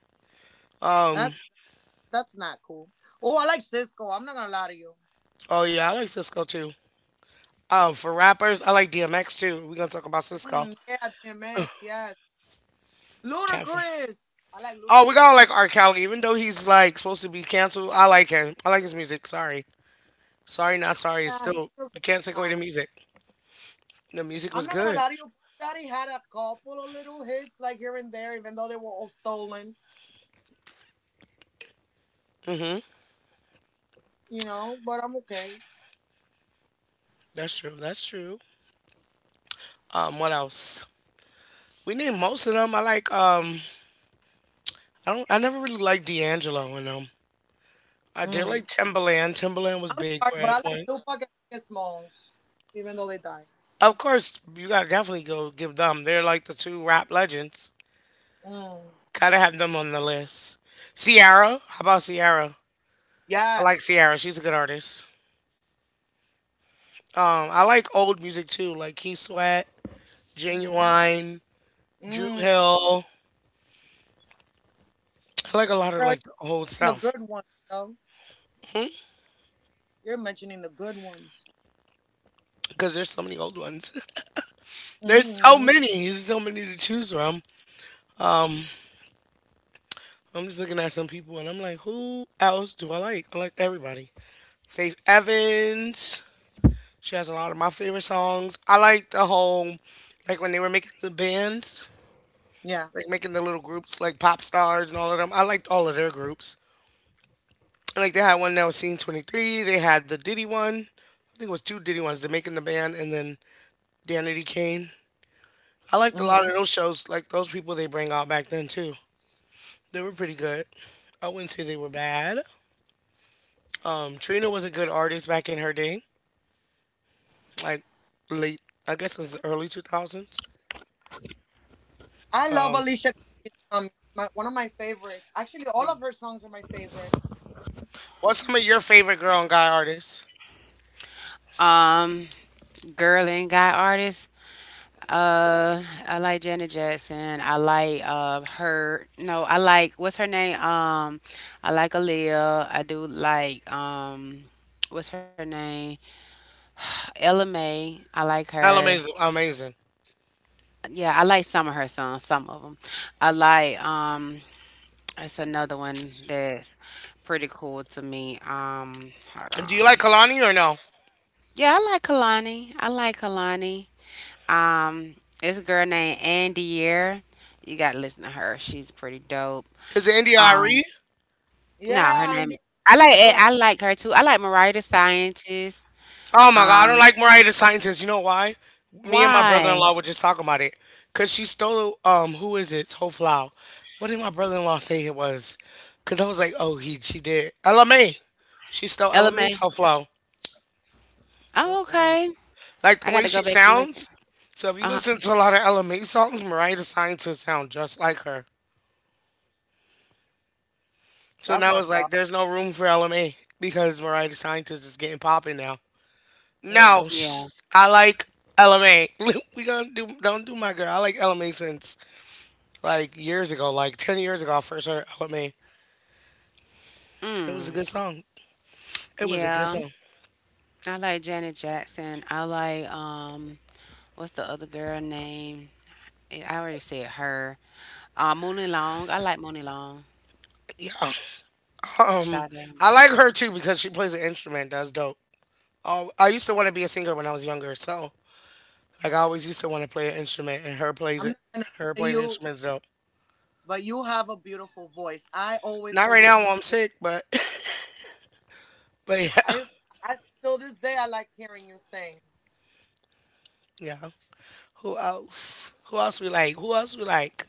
A: Um.
C: that that's not cool. Oh, I like Cisco. I'm not gonna lie to you.
A: Oh yeah, I like Cisco too. Um. For rappers, I like D M X too. We're gonna talk about Cisco.
C: Mm, yeah, D M X. Yes,
A: Catherine.
C: Ludacris. I like
A: Oh, we gotta
C: Ludacris.
A: like R. Kelly, even though he's like supposed to be canceled. I like him. I like his music. Sorry, sorry, not sorry. It's
C: Yeah, his
A: still you
C: music is
A: can't take away the
C: nice.
A: music. The music
C: I'm
A: was
C: not gonna
A: good.
C: lie to you. Puff Daddy had a couple of little hits like here and there, even though they were all stolen. You know, but I'm okay.
A: That's true. That's true. Um, what else? We need most of them. I like um I don't I never really liked D'Angelo in them. I did
C: Mm.
A: like Timbaland. Timbaland was
C: I'm
A: big
C: sorry,
A: for
C: but
A: at a
C: I like
A: point.
C: Tupac and Biggie Smalls, even though they died.
A: Of course, you gotta definitely go give them. They're like the two rap legends.
C: Mm.
A: Gotta have them on the list. Ciara, how about Ciara? I like
C: Yes.
A: Ciara. She's a good artist. Um, I like old music too, like Keith Sweat,
C: Mhm.
A: Genuine, Drew
C: Mm.
A: Hill. I like a lot of
C: Girl,
A: like the
C: you're
A: old
C: the
A: stuff
C: good ones, though. You're mentioning the good ones.
A: because there's so many old ones. [laughs] There's so
C: Hmm.
A: many, there's so many to choose from. I'm just looking at some people and I'm like, who else do I like? I like everybody. Faith Evans. She has a lot of my favorite songs. I like the whole, like when they were making the bands,
C: Yeah.
A: like making the little groups, like pop stars and all of them. I liked all of their groups. And like they had one that was Scene twenty-three. They had the Diddy one. I think it was two Diddy ones. They are making the band and then Danity Kane. I liked a lot
C: Hmm.
A: of those shows. Like those people they bring out back then too. They were pretty good. I wouldn't say they were bad. Um, Trina was a good artist back in her day,
B: Trina the
A: like
B: rapper.
A: late, I guess it's early two thousands.
C: I love
A: Um,
C: Alicia Keys. Um, my, one of my favorites. Actually, all of her songs are my favorite.
A: what's some of your favorite girl and guy artists?
B: Um, girl ain't got artists. Uh, I like Janet Jackson. I like uh her. No, I like what's her name? Um, I like Aaliyah. I do like um, what's her name? Ella May. I like
A: I
B: her.
A: amazing, amazing.
B: Yeah, I like some of her songs. Some of them. I like um, it's another one that's pretty cool to me. Um, hold
A: Do you
B: on.
A: like Kalani or no?
B: Yeah, I like Kalani. I like Kalani. Um, it's a girl named Andier. You gotta listen to her. She's pretty dope.
A: Is it India Irie?
B: Um, no, her
C: Yeah, and
B: name.
C: they're
B: I like it.
C: good.
B: I like her too. I like Mariah the Scientist.
A: Oh my God, I
B: Um,
A: don't like Mariah the Scientist. You know why? Me and my
C: Mm,
B: why?
A: brother-in-law were just talking about it. Cause she stole um who is it? Ho Flau. What did my brother-in-law say it was? Cause I was like, oh he she did. L M A. She stole
B: Element?
A: LMA's Ho Flau.
B: Oh, okay.
C: mm-mm.
B: I
A: Like
B: gotta
A: the
B: go
A: way
B: back
A: she
B: and look.
A: sounds. So if
B: Uh-huh.
A: you listen to a lot of L M A songs, Mariah DeScientist sound just like her. So
C: That's my
A: now it's
C: stuff.
A: like there's no room for L M A because Mariah DeScientist is getting popping now.
C: Yeah.
A: No, sh-
B: Yeah.
A: I like L M A. [laughs] We gonna do don't do my girl. I like L M A since like years ago, like ten years ago. I first heard L M A. It was a
B: Mm.
A: good song. It was a good
B: Yeah.
C: Mm.
A: song.
B: I like Janet Jackson. I like um… What's the other girl name? Eh, I already said her. Uh, Mooney Long. I like Mooney Long.
A: Yeah. Um,
B: Sade.
A: I like her too because she plays an instrument. That's dope. Um, I used to want to be a singer when I was younger, so like I always used to want to play an instrument, and her plays
C: I'm
A: it.
C: not gonna
A: Her
C: lie to
A: playing
C: you,
A: instruments dope.
C: but you have a beautiful voice. I always
A: Not
C: told
A: right
C: you
A: now while
C: since
A: I'm sick, but [laughs] but yeah,
C: I used. I still this day I like hearing you sing.
A: yeah. Who else? Who else we like? Who else we like?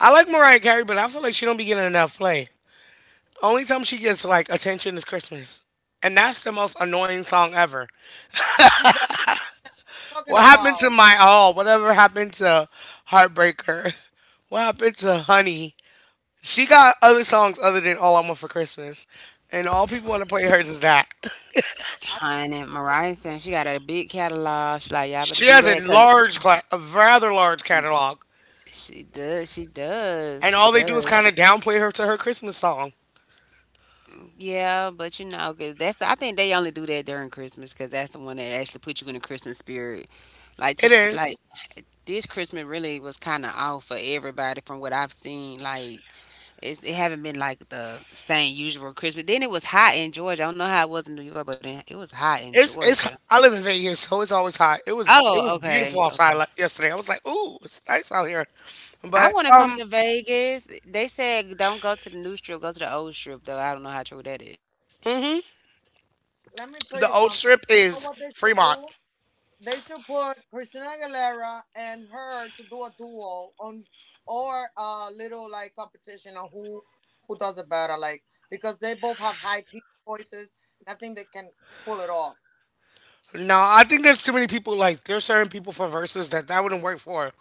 A: I like Mariah Carey, but I feel like she don't be getting enough play. Only time she gets like attention is Christmas, and that's the most annoying song ever.
C: You- That I'm talking
A: What happened to
C: about.
A: my all? Whatever happened to Heartbreaker? [laughs] What happened to Honey? She got other songs other than All I Want for Christmas, and all people want to play hers is that. [laughs]
C: I,
B: Honey, Mariah saying she got a big catalog. She like, y'all better
A: She
B: do
A: has
B: that
A: a
B: because
A: large, cla- a rather large catalog,
B: she does, she does,
A: and
B: she
A: all they do is
B: does.
A: kind of downplay her to her Christmas song.
B: Yeah, but you know, 'cause that's… I think they only do that during Christmas because that's the one that actually put you in the Christmas spirit. Like to
A: It is.
B: like This Christmas really was kind of off for everybody from what I've seen. Like it's, it haven't been like the same usual Christmas. Then it was hot in Georgia. I don't know how it was in New York, but in, it was hot in
A: It's it's.
B: Georgia.
A: I live in Vegas, so it's always hot. It was it
B: Oh,
A: was
B: okay,
A: beautiful outside
B: okay.
A: le- yesterday. I was like, ooh, it's nice out here.
B: I
A: But
B: want to come
A: um,
B: to Vegas. They said don't go to the new strip, go to the old strip, though. I don't know how true that is.
A: hmm,
C: Let me tell
A: the
C: you
A: old
C: something.
A: strip
C: You know
A: is
C: what they should
A: Fremont.
C: do? They should put Christina Aguilera and her to do a duo on or a little like competition on who who does it better, like because they both have high pitched voices and I think they can pull it off.
A: No, I think there's too many people. Like there's certain people for verses that that wouldn't work for.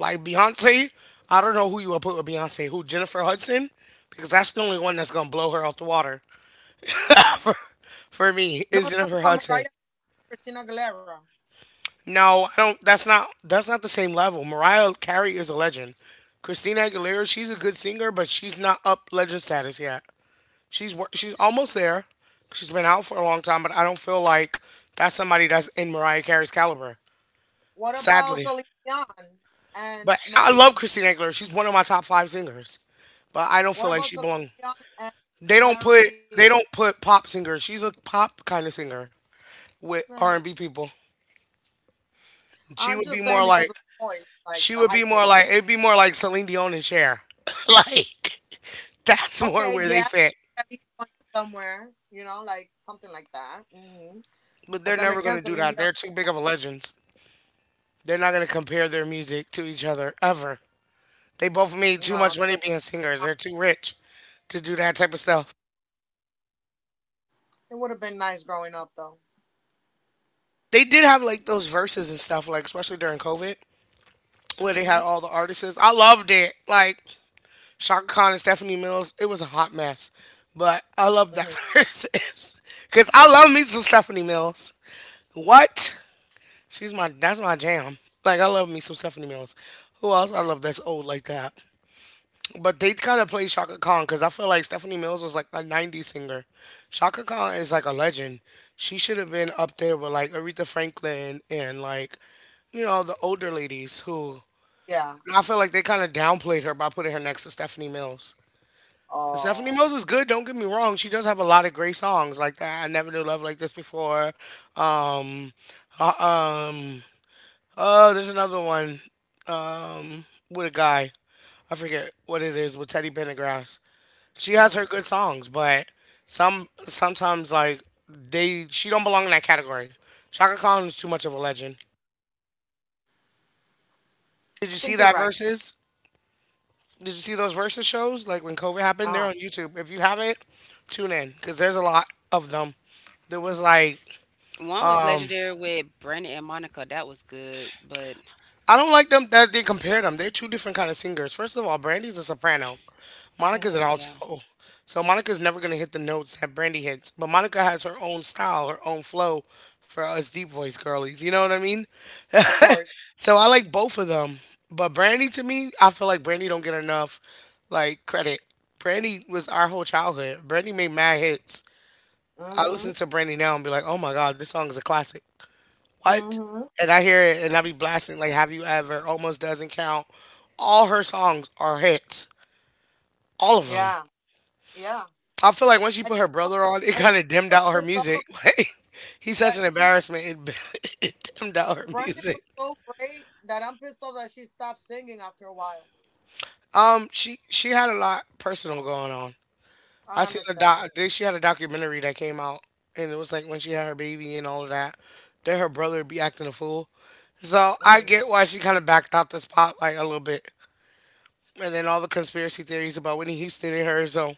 A: Like Beyonce, I don't know who you would put with Beyonce. Who, Jennifer Hudson? Because that's the only one that's gonna blow her off the water. [laughs]
C: Mm.
A: for, for me
C: No,
A: is
C: I'm
A: Jennifer
C: talking about
A: Hudson.
C: Mariah and Christina Aguilera.
A: No, I don't. That's not. That's not the same level. Mariah Carey is a legend. Christina Aguilera, she's a good singer, but she's not up legend status yet. She's wor- she's almost there. She's been out for a long time, but I don't feel like that's somebody that's in Mariah Carey's caliber.
C: What
A: Sadly,
C: about Celine Dion
A: but
C: and
A: I love
C: Mary?
A: Christina Aguilera. She's one of my top five singers, but I don't
C: What
A: feel like
C: about
A: she
C: Celine
A: belongs.
C: Dion and
A: They don't put
C: Mary?
A: they don't put pop singers. She's a pop kind of singer with R and
C: eh,
A: B people. She
C: I'm
A: would
C: just
A: be
C: saying
A: more
C: because
A: like
C: of the voice,
A: She
C: like
A: would
C: the
A: be
C: high
A: more like
C: pitch.
A: it'd be more like Celine Dion and Cher. [laughs] like that's more
C: Okay,
A: where they
C: yeah,
A: fit.
C: are you going somewhere? You know, like something like that. Hmm.
A: But
C: But
A: they're
C: then
A: never
C: again,
A: gonna do
C: Celine
A: that.
C: Dion,
A: They're too big of a legends. They're not gonna compare their music to each other ever. They both made
C: no,
A: too much
C: because
A: money being
C: uh,
A: singers. They're too rich to do that type of stuff.
C: it would have been nice growing up, though.
A: They did have like those verses and stuff, like especially during COVID, where they
C: Hmm.
A: had all the artists. I loved it. Like Shaka Khan and Stephanie Mills, it was a hot mess. But I love
C: Hmm.
A: that [laughs] verses. Cause I love me some Stephanie Mills. What? She's my That's my jam. Like I love me some Stephanie Mills. Who else I love that's old like that? But they kind of play Shaka Khan because I feel like Stephanie Mills was like a nineties singer. Shaka Khan is like a legend. She should have been up there with like Aretha Franklin and like you know the older ladies who
C: Yeah.
A: I feel like they kind of downplayed her by putting her next to Stephanie Mills. Stephanie
C: Oh.
A: Mills is good. Don't get me wrong. She does have a lot of great songs like that. I never knew love like this before. Um, uh, um, Oh, there's another one um, with a guy. I forget what it is with Teddy Pendergrass. She has
C: Uh.
A: her good songs, but some sometimes like they she don't belong in that category. Shaka Khan is too much of a legend. Did you
C: I
A: see
C: think you're
A: that
C: right.
A: verses? Did you see those verses shows like when COVID happened? They're
C: Uh
A: on YouTube. If you haven't, tune in because there's a lot of them. There was like
B: One was
A: um
B: legendary with Brandon and Monica. That was good, but
A: I don't like them that they compare them. They're two different kind of singers. First of all, Brandy's a soprano.
C: huh.
A: Monica's an
C: Hmm.
B: yeah.
A: alto. So Monica's never going to hit the notes that Brandy hits. But Monica has her own style, her own flow for us deep voice girlies. You know what I mean?
C: Of course.
A: So I like both of them. But Brandy to me, I feel like Brandy don't get enough like credit. Brandy was our whole childhood. Brandy made mad hits. I
C: Hmm.
A: listen to Brandy now and be like, "Oh my god, this song is a classic." What?
C: Hmm.
A: And I hear it and I be blasting like "Have You Ever?" Almost doesn't count. All her songs are hits. All of them.
C: Yeah. Yeah.
A: I feel like once she
C: And
A: put
C: you
A: her
C: know what
A: brother on, it
C: and you
A: kind of
C: know
A: dimmed
C: what I'm
A: out her
C: pissed off about?
A: music. [laughs] Like he's such
C: That
A: an
C: she
A: embarrassment. It, [laughs] it dimmed out her
C: Brandon
A: music.
C: was so great that I'm pissed off that she stopped singing after a while.
A: Um, she she had a lot personal going on.
C: I
A: I seen a
C: understand.
A: doc. Then She had a documentary that came out, and it was like when she had her baby and all of that. Then her brother be acting a fool. So I
C: Mm.
A: get why she kind of backed out the pop like a little bit, and then all the conspiracy theories about Whitney Houston and her. So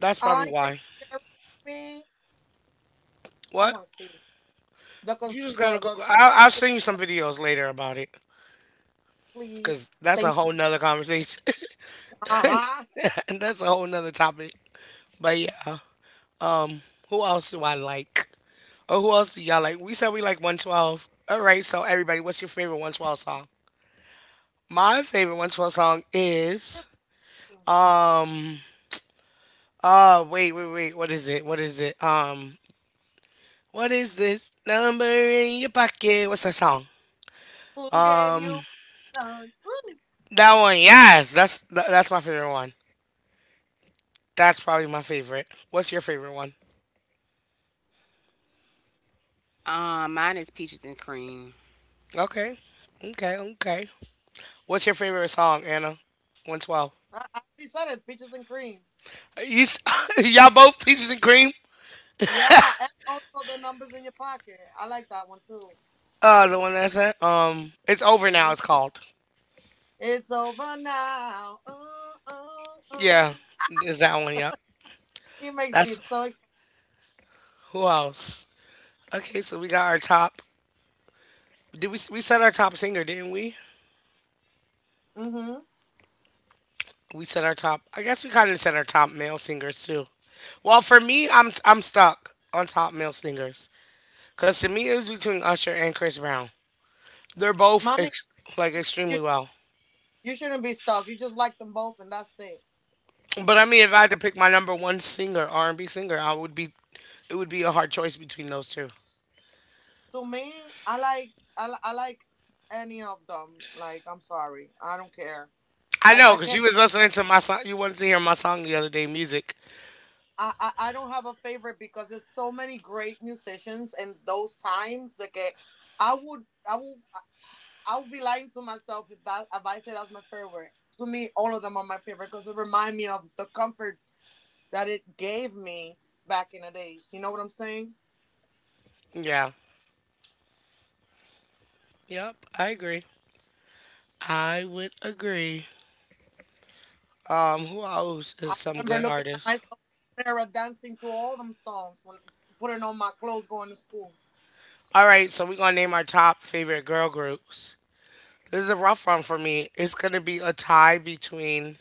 A: that's probably
C: I can
A: why.
C: you share it with me. I
A: What?
C: want to see. The
A: You
C: cons-
A: just
C: the
A: gotta
C: the,
A: Google. I'll, I'll send
C: the
A: you some videos later about it.
C: please.
A: Cause that's a
C: Thank
A: whole nother conversation.
C: you. Uh
A: [laughs] that's a whole nother topic. But yeah, who else do I like? Or who else do y'all like? We said we like one twelve. All right, so everybody, what's your favorite one twelve song? My favorite one twelve song
C: huh.
A: is um oh wait wait wait, what is it, what is it um what is this number in your pocket, what's that song?
C: Who gave you
A: um
C: the? Woo.
A: that one, yes, that's tha- that's my favorite one, that's probably my favorite. What's your favorite one?
B: Um, mine is peaches and cream.
A: okay okay okay. What's your favorite song, Anna? one twelve.
C: I, I already said it. Peaches and cream.
A: You, s- [laughs] y'all both peaches and cream.
C: Yeah, and also the numbers in your pocket. I like that one too.
A: Uh, the one that's it. Um, it's over now.
C: Mhm.
A: It's called.
C: It's over now. Ooh, ooh,
A: Yeah,
C: ooh.
A: is that one? Yeah.
C: He makes me
A: That's
C: so excited.
A: who else? Okay, so we got our top. Did we we set our top singer? Didn't we?
C: Mm-hmm.
A: We set our top. I guess we kind of set our top male singers too. Well, for me, I'm I'm stuck on top male singers because to me it was between Usher and Chris Brown. They're both
C: Mommy,
A: ex- like extremely
C: you
A: well.
C: you shouldn't be stuck. You just like them both, and that's it.
A: But I mean, if I had
C: What
A: to
C: up?
A: pick my number one singer, R and B singer, I would be. It would be a hard choice between those two.
C: To me, I like I, li- I like any of them. Like I'm sorry, I don't care.
A: I
C: I
A: know,
C: I
A: cause you
C: cannot.
A: was listening to my song. You wanted to hear my song the other day, music.
C: I, I, I don't have a favorite because there's so many great musicians in those times that get, I would I would I would be lying to myself if that if I say that's my favorite. To me, all of them are my favorite because it remind me of the comfort that it gave me back in the days. You know what I'm saying?
A: Yeah. Yep. I agree. I would agree. Um, who else
C: I
A: is some
C: remember
A: good
C: looking at
A: artists?
C: myself in the mirror, dancing to all them songs when putting on my clothes, going to school.
A: All right, so we're gonna name our top favorite girl groups. This is a rough one for me. It's gonna be a tie between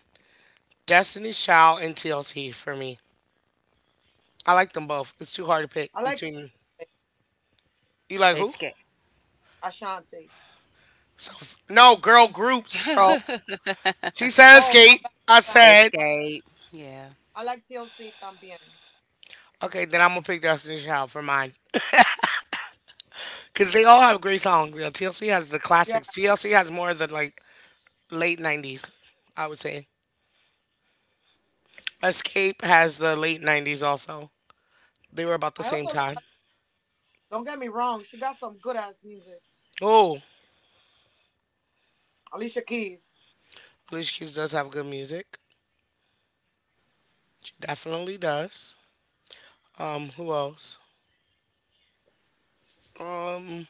A: Destiny's Child and T L C for me. I like them both. It's too hard to pick
C: I like
A: between. You like who?
B: Escape,
C: Ashanti.
A: So, f- no, girl groups, girl. She said
C: Oh my
A: skate.
C: bad,
A: I
C: my bad.
A: said,
B: Escape. Yeah,
C: I like T L C también.
A: okay, then I'm going to pick Destiny's Child for mine. Because they all have great songs. You know, T L C has the
C: Yeah,
A: classics. T L C has more of the, like, late nineties, I would say. Escape has the late nineties also. They were about the
C: I
A: same
C: also
A: time.
C: like. Don't get me wrong, she got some good ass music.
A: Oh,
C: Alicia Keys.
A: Alicia Keys does have good music. She definitely does. Um, who else? Um,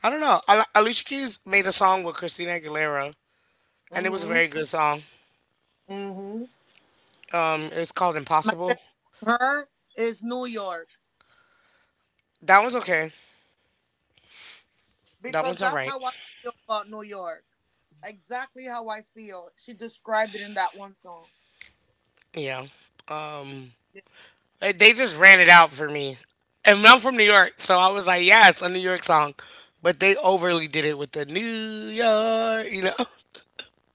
A: I don't know. Al- Alicia Keys made a song with Christina Aguilera, and it was a
C: Mm-hmm.
A: very good song.
C: Mm-hmm.
A: Um, it's called
C: My
A: Impossible.
C: her is New York.
A: That one's okay. That
C: Because
A: one's all
C: that's
A: right.
C: how I feel about New York. Exactly how I feel. She described it in that one song.
A: Yeah. Um,
C: Yeah.
A: eh, they just ran it out for me, and I'm from New York, so I was like, yeah, it's a New York song, but they overly did it with the New York. You know,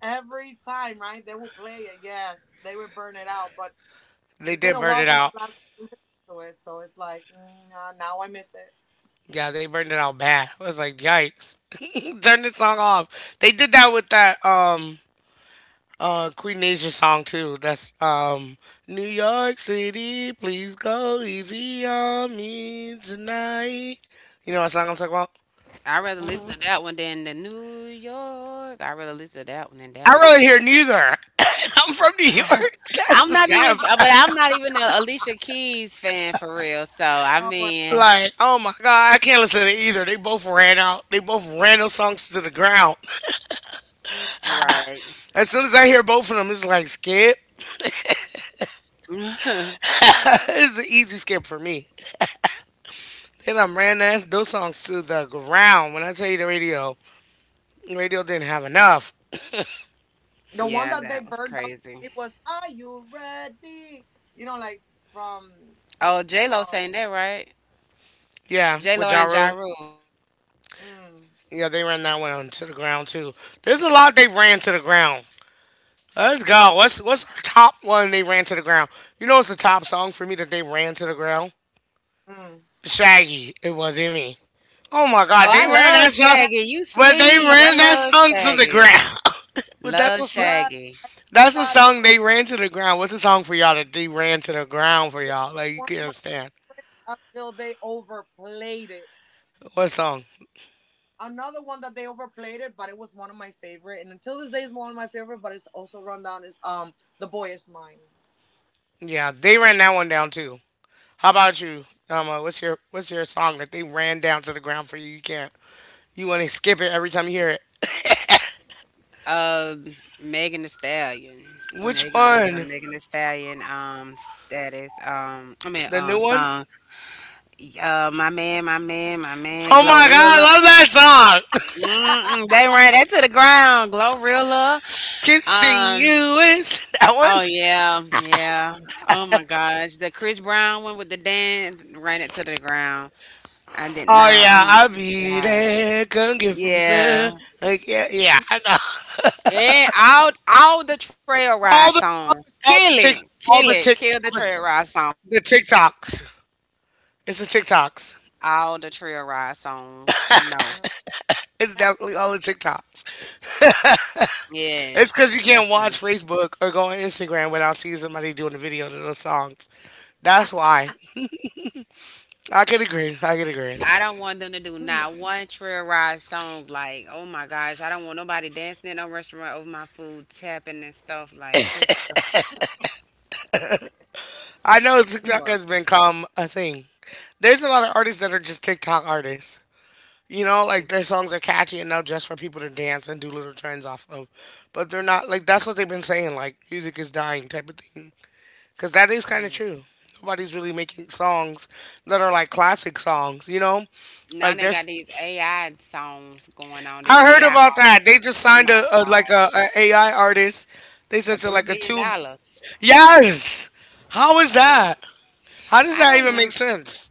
C: Every time, right? They will play it, yes. They will burn it out. But
A: [laughs] they
C: it's been
A: did
C: a
A: burn
C: while
A: it
C: since
A: out.
C: I last listened to it, so it's like, mm, nah, now I miss it.
A: Yeah, they burned it out bad. I was like, yikes. [laughs] Turn this song off. They did that with that um uh Queen Nature song too. That's um New York City, please go easy on me tonight. You know what song I'm talking about?
B: I rather listen
C: Mm-hmm.
B: to that one than the New York. I rather listen to that one than
A: I
B: that one.
A: really hear neither. [coughs] I'm from New
B: [laughs]
A: York. [laughs] That's
B: I'm
A: the
B: not
A: sad
B: even, but
A: part.
B: I'm not even a Alicia Keys fan for real. So I
C: No way.
B: mean,
A: Like, oh my God, I can't listen to either. They both ran out. They both ran those songs to the ground.
C: Mm-mm.
B: right? [sighs]
A: As soon as I hear both of them, it's like skip.
B: [laughs]
A: [laughs] it's an easy skip for me. Then I ran that, those songs to the ground. When I tell you the radio, radio didn't have enough.
C: The one
B: Yeah,
C: that they
B: that was
C: burned out,
B: crazy.
C: it was Are You Ready? You know, like from
B: Oh, J Lo
C: from.
B: saying that, right?
A: Yeah,
B: J Lo
A: with Ja
B: and Ja
A: Rule.
B: Rule.
C: Mm,
A: Yeah, they ran that one to the ground too. There's a lot they ran to the ground. Let's go. What's what's our top one they ran to the ground? You know what's the top song for me that they ran to the ground?
C: mm.
A: Shaggy. It was Emmy. Oh my
B: Oh,
A: God, they
B: I
C: Oh
A: ran that
B: love
A: song,
C: yeah,
B: Shaggy. You
A: but they
B: sleep.
C: and
B: I
A: ran that
B: love
A: song to the
B: Shaggy.
A: ground. [laughs] but that's
B: Love
A: a song.
C: yeah,
B: Shaggy.
A: That's a
C: Claudio.
A: song they
C: It,
A: ran to the ground. What's the song for y'all that they ran to the ground for
C: it
A: y'all? Like you
C: was one of my
A: can't stand.
C: favorites until they overplayed it.
A: What song?
C: Another one that they overplayed it, but it was one of my favorite, and until this day is one of my favorite. But it's also run down is um the boy is mine.
A: Yeah, they ran that one down too. How about you? Um, uh, what's your what's your song that they ran down to the ground for you? You can't. You want to skip it every time you hear it.
B: Uh, Megan the Stallion.
A: Which
B: Megan, it was a
A: one?
B: Megan the Stallion um status. Um, I mean
A: The
B: um
A: new one?
B: song. Uh, my man, my man, my man,
A: Oh my God, I
B: Glorilla.
A: love that song. [laughs]
B: Mm-mm, they ran that to the ground. Glorilla.
A: Kissing
B: Um.
A: you is that
B: Oh
A: one.
B: yeah, yeah. Oh my gosh, the Chris Brown one with the dance ran it to the ground. I did
A: Oh
B: not.
A: yeah,
B: Oh
A: I'll
B: my
A: be
B: gosh.
A: there. Come get from me.
B: Yeah.
A: Like yeah, yeah, I know.
B: And all all the trail ride
A: All the all
B: songs.
A: the
B: Kill
A: all the
B: it.
A: tick
B: Kill
A: all the
B: it.
A: tick
B: Kill the
A: all the,
B: trail ride song.
A: the TikToks. It's the TikToks.
B: All the trail ride songs. No.
C: Mm,
A: It's definitely all the TikToks. [laughs] It's
B: Yes,
A: because you can't
B: definitely.
A: watch Facebook or go on Instagram without seeing somebody doing a video to those songs. That's why. I can agree. I can agree.
B: I don't want them to do not
C: mm,
B: one trail ride song. Like, oh my gosh, I don't want nobody dancing in no restaurant over my food, tapping and stuff. Like, just
A: I know
B: feels
C: mm,
A: TikTok
B: horrible.
A: has become a thing. There's a lot of artists that are just TikTok artists. You know, like
B: It's,
A: their songs are catchy enough just for people to dance and do little trends off of, but they're not like that's what they've been saying, like music is dying type of thing, because that is kind of
C: mm,
A: true. Nobody's really making songs that are like classic songs, you know.
B: Now
A: Like
B: they
A: there's,
B: got these A I songs going on, the
A: I heard
B: A I
A: about that. They
B: artists.
A: just
B: Oh
A: signed a,
B: my
A: a like a,
B: gosh,
A: AI artist. They said
B: for
A: to
B: three
A: like a
B: million
A: two.
B: dollars.
A: Yes. How is that?
B: Crazy.
A: How does
B: I
A: that
B: don't
A: even
B: know.
A: make
C: mm.
A: sense?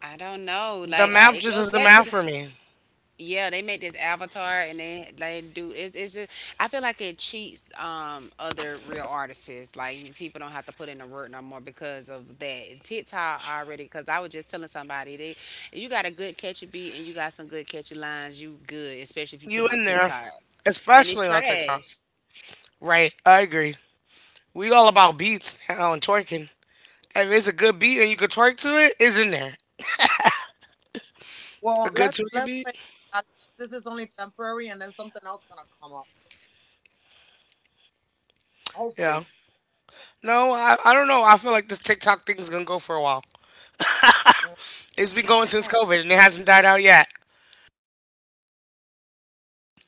B: I don't know.
A: The
B: Like I,
A: math
B: it
A: just
B: goes
A: isn't
B: back to
A: math
B: the
A: for me.
B: yeah. They make this avatar and they they do. It's it's just I feel like it cheats um other real artists. Like you- people don't have to put in the work no more because of that TikTok already. Because I was just telling somebody they if you got a good catchy beat and you got some good catchy lines, you good. Especially if you
A: You
B: put it on
A: in there,
B: TikTok and it's
A: especially on TikTok.
B: trash.
A: Right, I agree. We all about beats now and twerking. If it's a good beat and you can twerk to it, it's in there. A
C: Well,
A: good
C: let's
A: twerking
C: let's
A: beat.
C: face it. At least this is only temporary, and then something else gonna come up.
A: Yeah.
C: Hopefully.
A: No, I, I don't know. I feel like this TikTok thing is gonna go for a while.
C: Mm.
A: It's been going since COVID and it hasn't died out yet.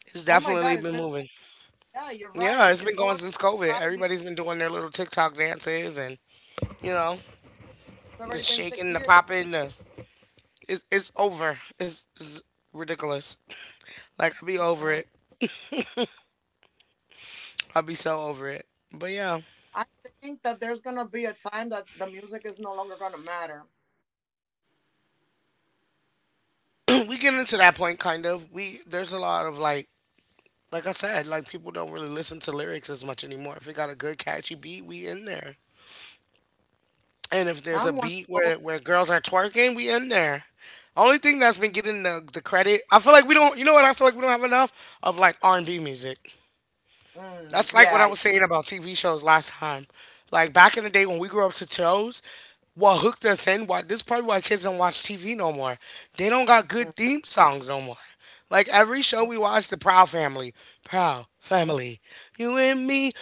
A: It's
C: Oh my
A: definitely
C: God, it's
A: been
C: been
A: moving.
C: yeah. You're
A: Yeah,
C: right.
A: it's been
C: It's
A: going
C: going
A: since COVID.
C: five years.
A: Everybody's been doing their little TikTok dances and you know
C: It's
A: the
C: already been six
A: shaking, the
C: years.
A: popping. The, it's it's over. It's, it's ridiculous. Like I'll be over
C: Mm-mm.
A: it. I'll be so over it. But yeah,
C: I think that there's gonna be a time that the music is no longer gonna matter.
A: [clears throat] we get into that point kind of. We there's a lot of like like I said, like people don't really listen to lyrics as much anymore. If it got a good catchy beat, we in there. And if there's a
C: I'm one
A: beat
C: of those.
A: where where girls are twerking, we in there. Only thing that's been getting the, the credit, I feel like we don't. You know what? I feel like we don't have enough of like R and B music.
C: Mm,
A: That's like
C: yeah.
A: what I
C: I-.
A: was saying about T V shows last time. Like back in the day when we grew up to shows, what hooked us in. Why this is probably why kids don't watch T V no more. They don't got
C: Mm,
A: good theme songs no more. Like every show
C: mm,
A: we watch, the Proud Family, Proud
C: mm.
A: Family, you and me,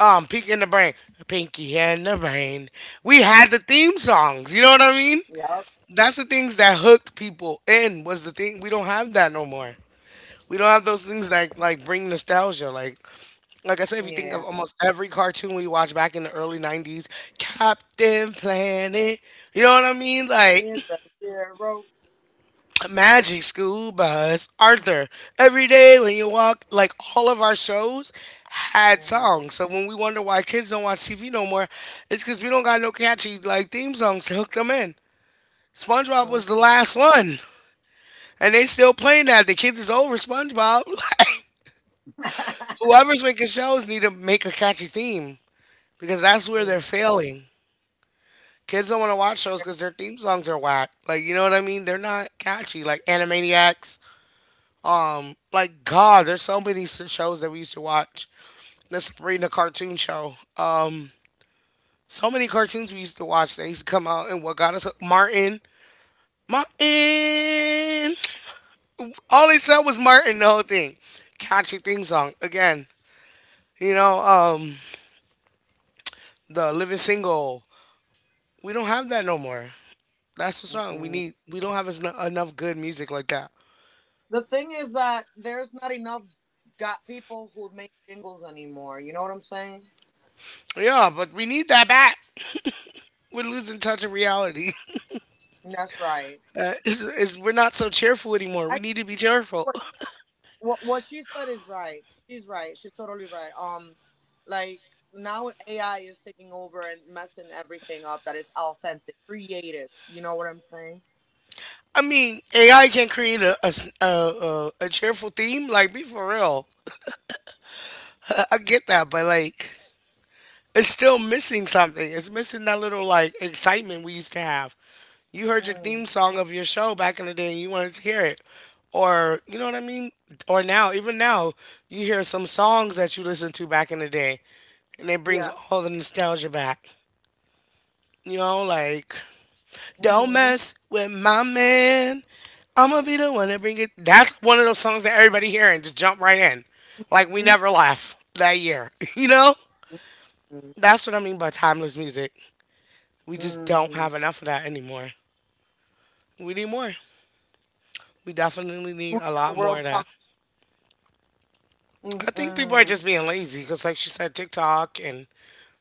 A: um, pinky in the Brain, Pinky and the Brain. We had the theme songs. You know what I mean?
C: Yep.
A: That's the things that hooked people in. Was the thing we don't have that no more. We don't have those things that like bring nostalgia. Like like I said, if you think of
C: Yeah.
A: almost every cartoon we watched back in the early nineties, Captain Planet, you know what I mean? Like
C: He's a hero.
A: [clears throat] Magic School Bus, Arthur, every day when you walk, like all of our shows had
C: Mm,
A: songs. So when we wonder why kids don't watch T V no more, it's because we don't got no catchy like theme songs to hook them in. SpongeBob was
C: mm,
A: the
C: mm,
A: last one, and they still playing that. The kids is over SpongeBob. [laughs] Like,
C: [laughs]
A: whoever's making shows need to make a catchy theme because that's where
C: mm,
A: they're failing. Kids don't want to watch shows because their theme songs are whack. Like, you know what I mean? They're not catchy. Like Animaniacs. Um, like God, there's so many s- shows that we used to watch. The Sabrina cartoon show. Um, so many cartoons we used to watch that used to come out. And what got us Martin, Martin. All they said was Martin the whole thing. Catchy theme song again. You know, um, the Living Single. We don't have that no more. That's what's
C: mm.
A: wrong. We
C: Mm.
A: need. We don't have as enough good music like that.
C: The thing is that there's not enough got people who make jingles anymore. You know what I'm saying?
A: Yeah, but we need that back. We're losing touch of reality. [laughs]
C: That's right.
A: Uh, is, is We're not so cheerful anymore. We
C: I
A: need to be cheerful.
C: what what she said is right. She's right. She's totally right. Um, like now A I is taking over and messing everything up that is authentic, creative. You know what I'm saying?
A: I mean, A I can create a a s- a, a- a cheerful theme. Like, be for real. I, I get that, but like, it's still missing something. It's missing that little like excitement we used to have. You heard your
C: Mm.
A: theme song of your show back in the day, and you wanted to hear it, or you know what I mean. Or now, even now, you hear some songs that you listened to back in the day, and it brings
C: Yeah.
A: all the nostalgia back. You know, like, don't
C: Mm-hmm.
A: mess with my man. I'm gonna be the one to bring it. That's one of those songs that everybody hear and just jump right in. Like, we never left that year. [laughs] You know?
C: Mm.
A: That's what I mean by timeless music. We just don't
C: Mm.
A: have enough of that anymore. We need more. We definitely need
C: The
A: a lot more
C: world
A: of that.
C: coming.
A: I think people are
C: Mm.
A: just being lazy because, like she said, TikTok and,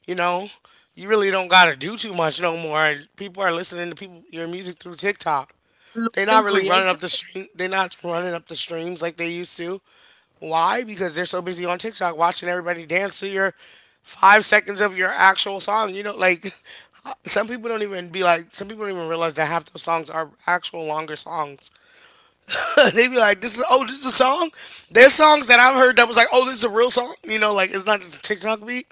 A: you know, you really don't gotta do too much no more. People are listening to people your music through TikTok. They're
C: Losing
A: not really running
C: creative.
A: up the stream. They're not running up the streams like they used to. Why? Because they're so busy on TikTok watching everybody dance to your five seconds of your actual song. You know, like [laughs] some people don't even be like. Some people don't even realize that half those songs are actual longer songs. [laughs] They be like, "This is oh, this is a song." There's songs that I've heard that was like, "Oh, this is a real song." You know, like it's not just a TikTok beat.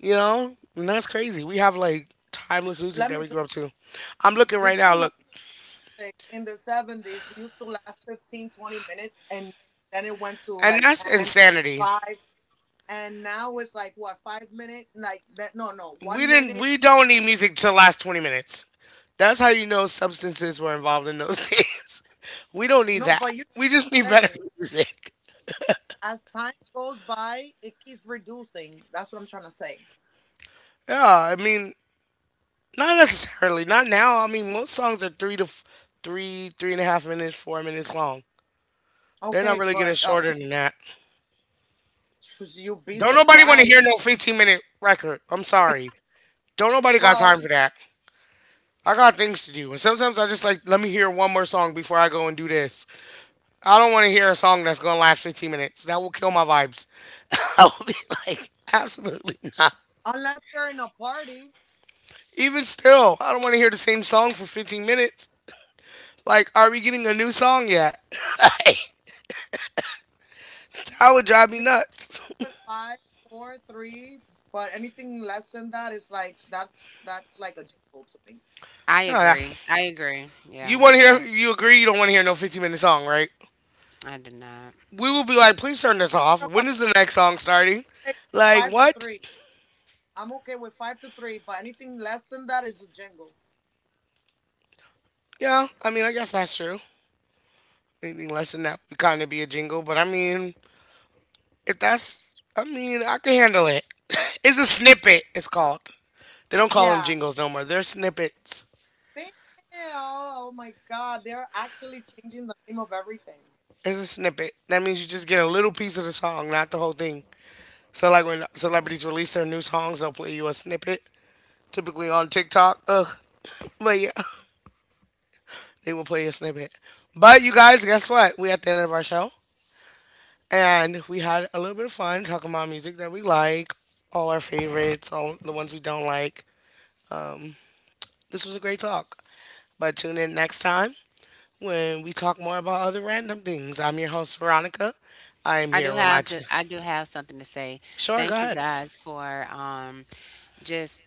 A: You know, and that's crazy. We have like timeless music
C: Let
A: that
C: me.
A: we
C: T-
A: grew up to. I'm looking
C: Did
A: right now.
C: you know,
A: Look,
C: like in the seventies, it used to last fifteen, twenty minutes, and then it went to
A: and
C: like
A: that's
C: ten,
A: insanity.
C: five. And now it's like what five minutes like that no no
A: We
C: one
A: didn't.
C: minute
A: We don't need music to last twenty minutes. That's how you know substances were involved in those [laughs] days. We don't need
C: no
A: that.
C: but you know
A: We just need
C: what I'm
A: better
C: saying
A: [laughs] music.
C: as time goes by it keeps reducing that's what I'm trying to say.
A: Yeah, I mean, not necessarily. Not now. I mean, most songs are three to f- three, three and a half minutes, four minutes long. They're not
C: Okay
A: really getting
C: but uh,
A: shorter than that.
C: should you be
A: Don't nobody want to hear
C: surprised?
A: no fifteen minute record. I'm sorry. Don't nobody got
C: Well
A: time for that. I got things to do. And sometimes I just like, let me hear one more song before I go and do this. I don't want to hear a song that's going to last fifteen minutes. That will kill my vibes. [laughs] I will be like, absolutely not.
C: unless you're in a party
A: Even still, I don't want to hear the same song for fifteen minutes. Like, are we getting a new song yet? That would drive me
C: maybe
A: nuts. [laughs]
C: with five four three but anything less than that is like that's that's like a jingle to me.
B: I
A: No, no.
B: agree. I agree. Yeah.
A: You want to hear,
B: I
A: you agree you don't want to hear no fifteen minute song, right?
B: I do not.
A: We will be like, please turn this off.
C: About
A: When is the next song starting?
C: hey,
A: Like,
C: five to
A: what?
C: three I'm okay with five to three but anything less than that is a jingle.
A: Yeah, I mean, I guess that's true. Anything less than that would kind of be a jingle, but I mean, if that's, I mean, I can handle it. [laughs] It's a snippet, it's called. They don't call them
C: Yeah.
A: jingles no more. They're snippets.
C: Damn. Oh my God. They're actually changing the name of everything.
A: It's a snippet. That means you just get a little piece of the song, not the whole thing. So like when celebrities release their new songs, they'll play you a snippet. Typically on TikTok. Ugh. [laughs] But yeah, they will play a snippet. But you guys, guess what? We at the end of our show. And we had a little bit of fun talking about music that we like, all our favorites, all the ones we don't like. Um, this was a great talk. But tune in next time when we talk more about other random things. I'm your host, Veronica. I am
B: I
A: here
B: do
A: with my
B: have
A: two.
B: the I do have something to say.
A: Sure, go
B: Thank you
A: ahead.
B: guys for um just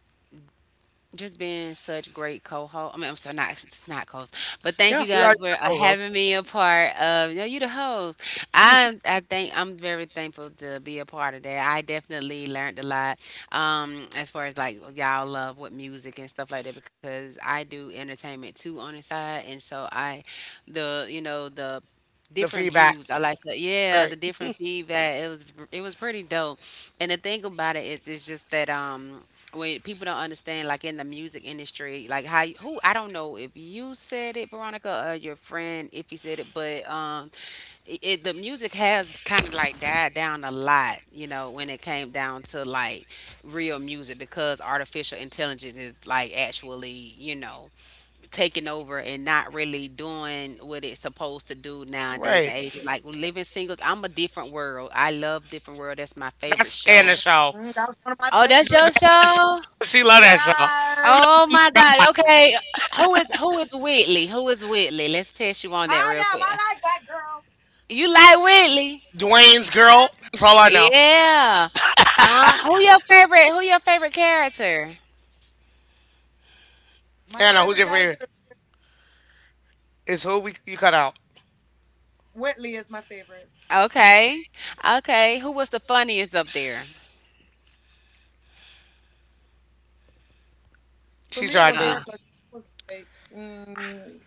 B: just being such great co-host. I mean, I'm sorry, not it's not co-host, but thank
A: Yeah,
B: you
A: we are
B: guys for
A: your
B: uh,
A: co hosts.
B: having me a part of. You know, you the host. I I think I'm very thankful to be a part of that. I definitely learned a lot, um, as far as like y'all love with music and stuff like that because I do entertainment too on the side, and so I, the you know the
A: The
B: different
A: feedback.
B: views. I like to, yeah,
A: Right.
B: the different feedback. It was it was pretty dope. And the thing about it is, it's just that um when people don't understand like in the music industry like how you- who I don't know if you said it, Veronica, or your friend if he said it, but um it, it the music has kind of like died down a lot, you know, when it came down to like real music, because artificial intelligence is like actually, you know, taking over and not really doing what it's supposed to do nowadays
A: Right.
B: and age. Like Living Singles, I'm a Different World. I love Different World. That's my favorite
A: That's Anna
B: show.
A: Shaw.
C: Mm, that's one of my
B: Oh, that's your
C: favorite.
B: show?
A: She love that show.
C: Yes.
B: Oh my God. Okay. Who is who is Whitley? Who is Whitley? Let's test you on that
C: I
B: real
C: am.
B: quick.
C: I like that girl.
B: You like Whitley?
A: Dwayne's
C: Yeah.
A: girl. That's all I know.
B: Yeah. Uh, who your favorite? Who your favorite character?
C: My
A: Anna, who's
C: favorite
A: your favorite?
C: character,
A: It's who we you cut out.
C: Whitley, is my favorite.
B: Okay. Okay. Who was the funniest up there?
C: To
A: She
C: me, it
A: tried
C: was
A: to
B: Uh,
C: her
A: think.
C: because she was like, mm,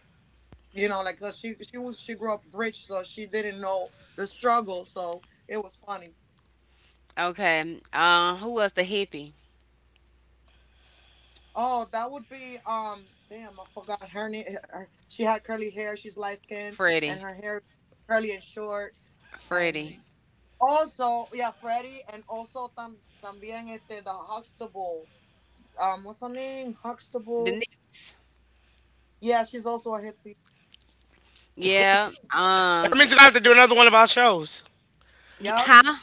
C: you know, like 'cause she she was she grew up rich, so she didn't know the struggle. So it was funny.
B: okay. Uh, who was the hippie?
C: Oh, that would be um. Damn, I forgot her name. Her- She had curly hair. She's light skinned and
B: Freddie.
C: her hair curly and short.
B: Freddie.
C: And also, yeah, Freddie, and also tam también este the Huxtable. Um, what's her name? Huxtable.
B: Denise.
C: Yeah, she's also a hippie.
B: Yeah.
A: That means
B: Um.
A: we're gonna have to do another one about shows.
B: y-
C: Yep.
B: Huh?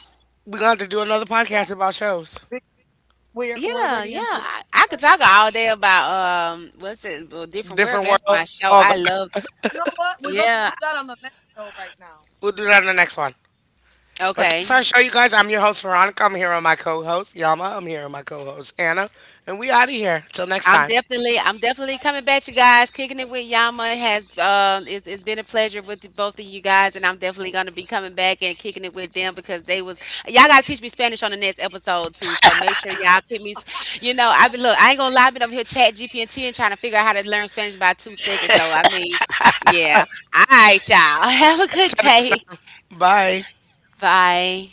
A: We're gonna have to do another
C: Yeah,
A: podcast about shows.
C: we- we're we're
B: Yeah,
C: already
B: yeah.
C: into
B: I, I could
C: it.
B: talk all day about um what's it a Different World.
A: Different
B: 'Cause that's
A: world.
B: my show.
A: Oh god.
B: I love.
C: You know what? We're gonna do
B: Yeah.
C: that on the next show right now.
A: We'll do that in the next one. But
B: Okay.
A: that's our show, you guys. I'm your host, Veronica. I'm here with my co host, Yama. I'm here with my co host, Anna. And we out of here. Till next
B: I'm
A: time.
B: definitely
C: Bye.
B: I'm definitely coming back, you guys. Kicking it with Yama has um it's, it's been a pleasure with the, both of you guys, and I'm definitely gonna be coming back and kicking it with them because they was y'all gotta teach me Spanish on the next episode too. So make sure y'all keep me. You know, I be look, I ain't gonna lie, I been over here chat G P T and T and trying to figure out how to learn Spanish by two seconds. So I mean, yeah. All right, y'all. [laughs] Have a good
A: Until next
B: day.
A: time. Bye.
C: Bye.
B: Bye.